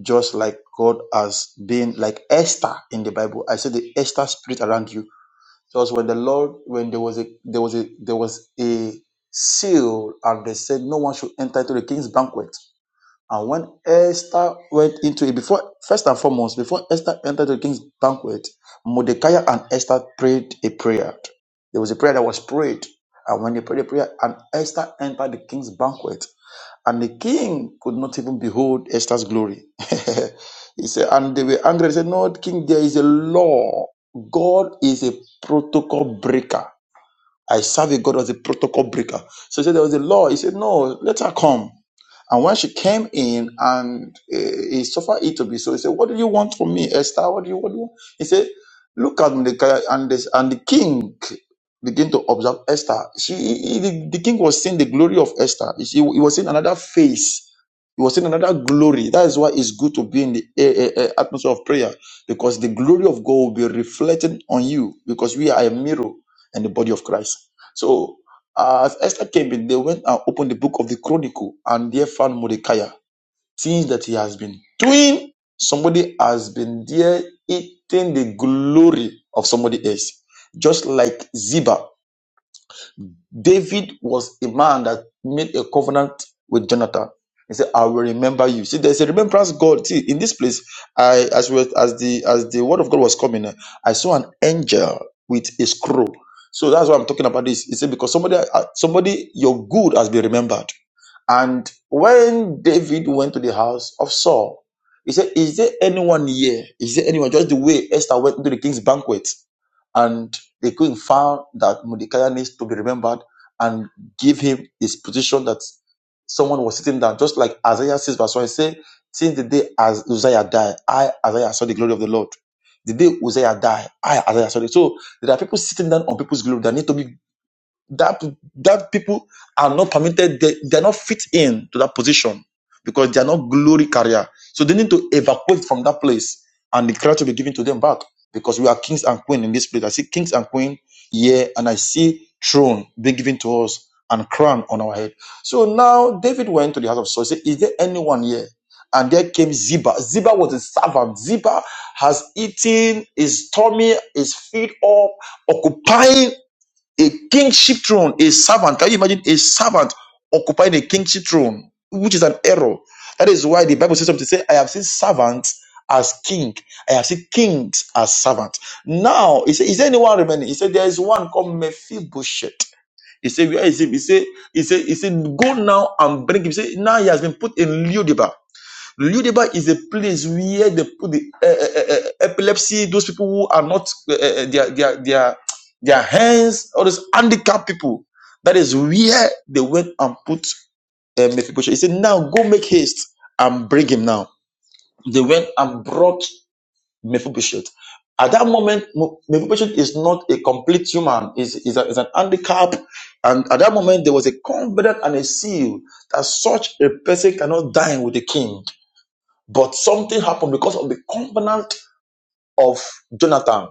[SPEAKER 4] just like God has been like Esther in the Bible. I said the Esther spirit around you because when the Lord, when there was a there was a there was a seal, and they said no one should enter into the king's banquet. And when Esther went into it, before first and foremost, before Esther entered the king's banquet, Mordecai and Esther prayed a prayer. There was a prayer that was prayed, and when they prayed a prayer, and Esther entered the king's banquet, and the king could not even behold Esther's glory. [laughs] he said, and they were angry. They said, No, king, there is a law. God is a protocol breaker. I serve a God as a protocol breaker. So he said there was a law. He said, No, let her come. And when she came in and uh, he suffered it to be so, he said, What do you want from me, Esther? What do you, what do you want? He said, Look at Mordecai and, this, and the king began to observe Esther. She, he- the, the king was seeing the glory of Esther. He, he was seeing another face. He was seeing another glory. That is why it's good to be in the eh, eh, eh, atmosphere of prayer because the glory of God will be reflecting on you because we are a mirror and the body of Christ. So, uh, as Esther came in, they went and opened the book of the Chronicle and there found Mordecai. Things that he has been doing, somebody has been there eating the glory of somebody else. Just like Ziba David was a man that made a covenant with Jonathan. He said, "I will remember you." See, there's a remembrance God. See, in this place, I as well as the as the word of God was coming, eh, I saw an angel with a scroll. So that's why I'm talking about this. He said because somebody, uh, somebody, your good has been remembered. And when David went to the house of Saul, he said, Is there anyone here? Is there anyone? Just the way Esther went to the king's banquet. And they go and found that Mordecai needs to be remembered and give him his position that someone was sitting down, just like Isaiah 6 verse 1 it say, since the day as Uzziah died, I, Isaiah, saw the glory of the Lord. The day Uzziah died, I, Isaiah, saw it. So there are people sitting down on people's glory that need to be that that people are not permitted they, they're not fit in to that position because they are not glory carrier so they need to evacuate from that place and the glory to be given to them back because we are kings and queen in this place i see kings and queen here and i see throne being given to us and crown on our head so now david went to the house of saul he said is there anyone here and there came ziba ziba was a servant ziba has eaten his tummy is filled up occupying a kingship throne, a servant. Can you imagine a servant occupying a kingship throne, which is an error? That is why the Bible says something. Say, I have seen servants as king. I have seen kings as servants. Now, he said, is there anyone remaining? He said, there is one called Mephibosheth. He said, where is him? He said, he said, he said, go now and bring him. He said, now he has been put in Ludiba. Le lieu de Ludeba is a place where they the uh, uh, uh, uh, epilepsy, those people who are not uh, uh, their their their their hands, all those handicapped people. That is where they went and put uh, Mephibosheth. He said, "Now go make haste and bring him now." They went and brought Mephibosheth. At that moment, Mo- Mephibosheth is not a complete human; is is a- is an handicap. And at that moment, there was a covenant and a seal that such a person cannot dine with the king but something happened because of the covenant of Jonathan.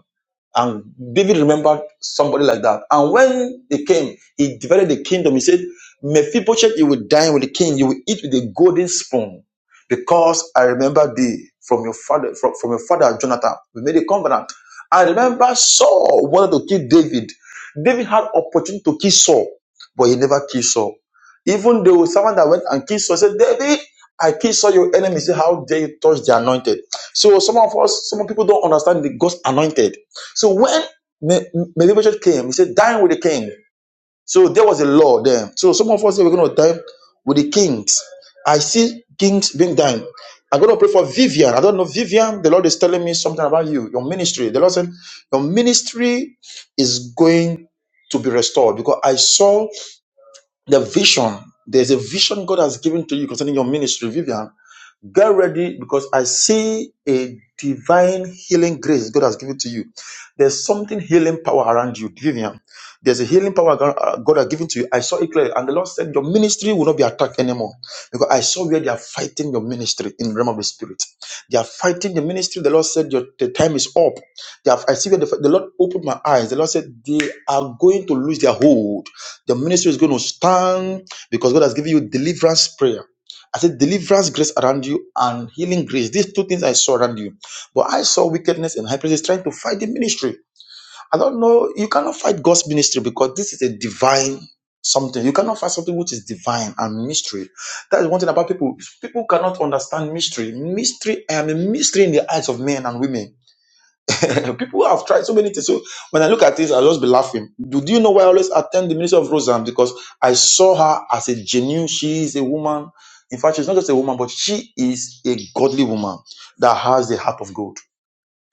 [SPEAKER 4] And David remembered somebody like that. And when they came, he divided the kingdom. He said, Mephibosheth, you will dine with the king, you will eat with a golden spoon, because I remember thee from your father, from, from your father Jonathan. We made a covenant. I remember Saul wanted to kill David. David had opportunity to kill Saul, but he never killed Saul. Even though someone that went and killed Saul said, David, I killed Saul, your enemy. He said, How dare you touch the anointed? So some of us, some people don't understand the God's anointed so when Me- Me- Mephibosheth came, he said, "Dine with the king." So there was a law there. So some of us say we're going to dine with the kings. I see kings being done. I'm going to pray for Vivian. I don't know Vivian. The Lord is telling me something about you, your ministry. The Lord said, your ministry is going to be restored because I saw the vision. There's a vision God has given to you concerning your ministry, Vivian. Get ready because I see a divine healing grace God has given to you. There's something healing power around you, Vivian. There's a healing power God uh, God has given to you. I saw it clearly. And the Lord said, Your ministry will not be attacked anymore because I saw where they are fighting your ministry in the realm of the spirit. They are fighting the ministry. The Lord said, Your the time is up. They have, I see where the, the Lord opened my eyes. The Lord said, They are going to lose their hold. The ministry is going to stand because God has given you deliverance prayer. I said deliverance grace around you and healing grace. These two things I saw around you. But I saw wickedness and high places trying to fight the ministry. I don't know. You cannot fight God's ministry because this is a divine something. You cannot fight something which is divine and mystery. That is one thing about people. People cannot understand mystery. Mystery, I am a mystery in the eyes of men and women. [laughs] People have tried so many things. So when I look at this, I'll just be laughing. Do, do you know why I always attend the ministry of Roseanne? Because I saw her as a genuine, she is a woman. In fact, she's not just a woman, but she is a godly woman that has the heart of gold.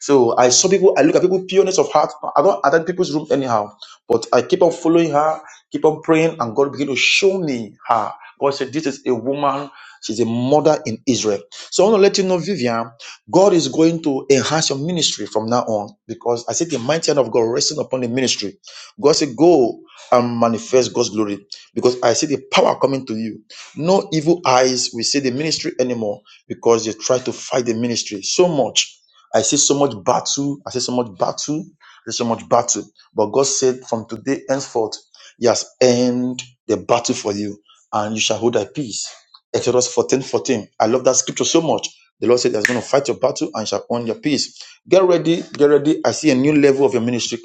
[SPEAKER 4] So I saw people, I look at people pureness of heart. I don't attend people's room anyhow, but I keep on following her, keep on praying, and God began to show me her. God said, This is a woman, she's a mother in Israel. So I want to let you know, Vivian, God is going to enhance your ministry from now on because I see the mighty hand of God resting upon the ministry. God said, Go and manifest God's glory because I see the power coming to you. No evil eyes will see the ministry anymore because they try to fight the ministry so much I see so much battle. I see so much battle. I see so much battle. But God said, from today henceforth, He has end the battle for you, and you shall hold thy peace. Exodus 14 14. I love that scripture so much. The Lord said, He's going to fight your battle and shall own your peace. Get ready, get ready. I see a new level of your ministry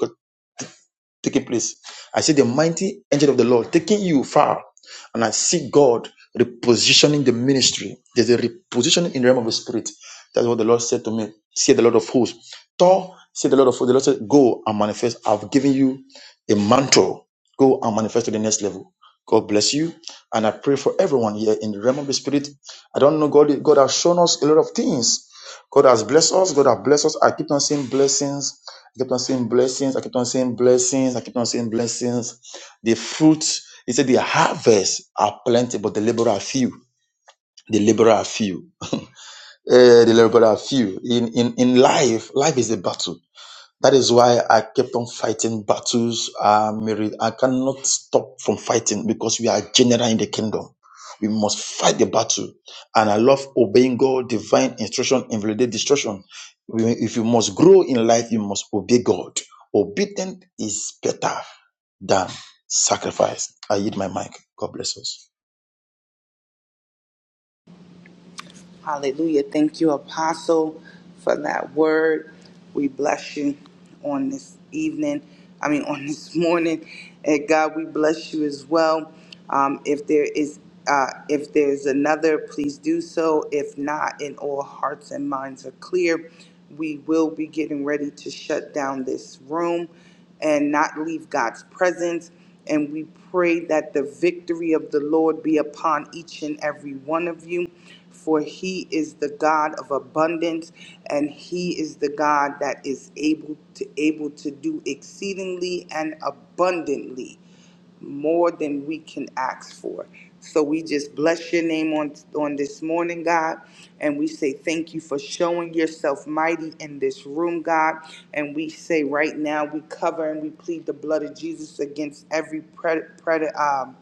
[SPEAKER 4] taking place. I see the mighty angel of the Lord taking you far, and I see God repositioning the ministry. There's a repositioning in the realm of the spirit. That's what the Lord said to me. Say the Lord of hosts. Thor, say the Lord of hosts. The Lord said, Go and manifest. I've given you a mantle. Go and manifest to the next level. God bless you. And I pray for everyone here in the realm of the spirit. I don't know, God, God has shown us a lot of things. God has blessed us. God has blessed us. I keep on seeing blessings I kept on saying blessings. I kept on saying blessings. I kept on saying blessings. The fruits, he said, the harvest are plenty, but the laborer are few. The laborer are few. Eh, the laborer are few. In, in, in life, life is a battle that is why I kept on fighting battles. I'm I cannot stop from fighting because we are general in the kingdom. We must fight the battle. And I love obeying God, divine instruction, invalidate destruction. We- If you must grow in life, you must obey God. Obedience is better than sacrifice. I yield my mic. God bless us.
[SPEAKER 3] Hallelujah. Thank you, Apostle, for that word. We bless you on this evening. I mean, on [laughs] this morning. And God, we bless you as well. Um, if there is uh, if there's another, please do so. If not, and all hearts and minds are clear, we will be getting ready to shut down this room and not leave God's presence. And we pray that the victory of the Lord be upon each and every one of you for he is the God of abundance, and he is the God that is able to able to do exceedingly and abundantly more than we can ask for. So we just bless your name on on this morning, God, and we say thank you for showing yourself mighty in this room, God. And we say right now we cover and we plead the blood of Jesus against every pre- pre- um,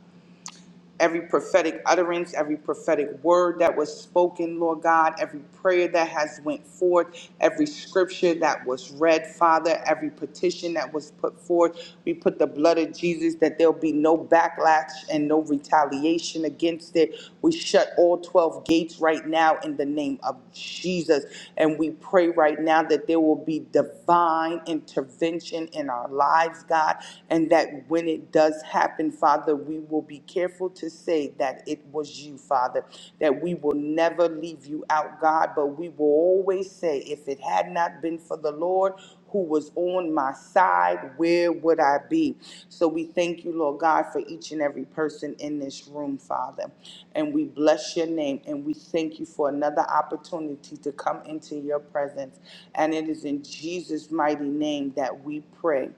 [SPEAKER 3] every prophetic utterance, every prophetic word that was spoken, Lord God, every prayer that has went forth, every scripture that was read, Father, every petition that was put forth. We put the blood of Jesus that there'll be no backlash and no retaliation against it. We shut all 12 gates right now in the name of Jesus. And we pray right now that there will be divine intervention in our lives, God, and that when it does does happen, Father, we will be careful to say that it was you, Father, that we will never leave you out, God, but we will always say, if it had not been for the Lord, who was on my side, where would I be? So we thank you, Lord God, for each and every person in this room, Father. And we bless your name and we thank you for another opportunity to come into your presence. And it is in Jesus' mighty name that we pray.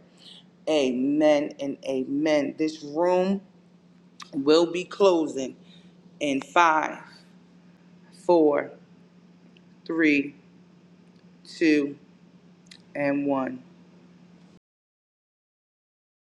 [SPEAKER 3] Amen and amen. This room will be closing in five, four, three, two, and one.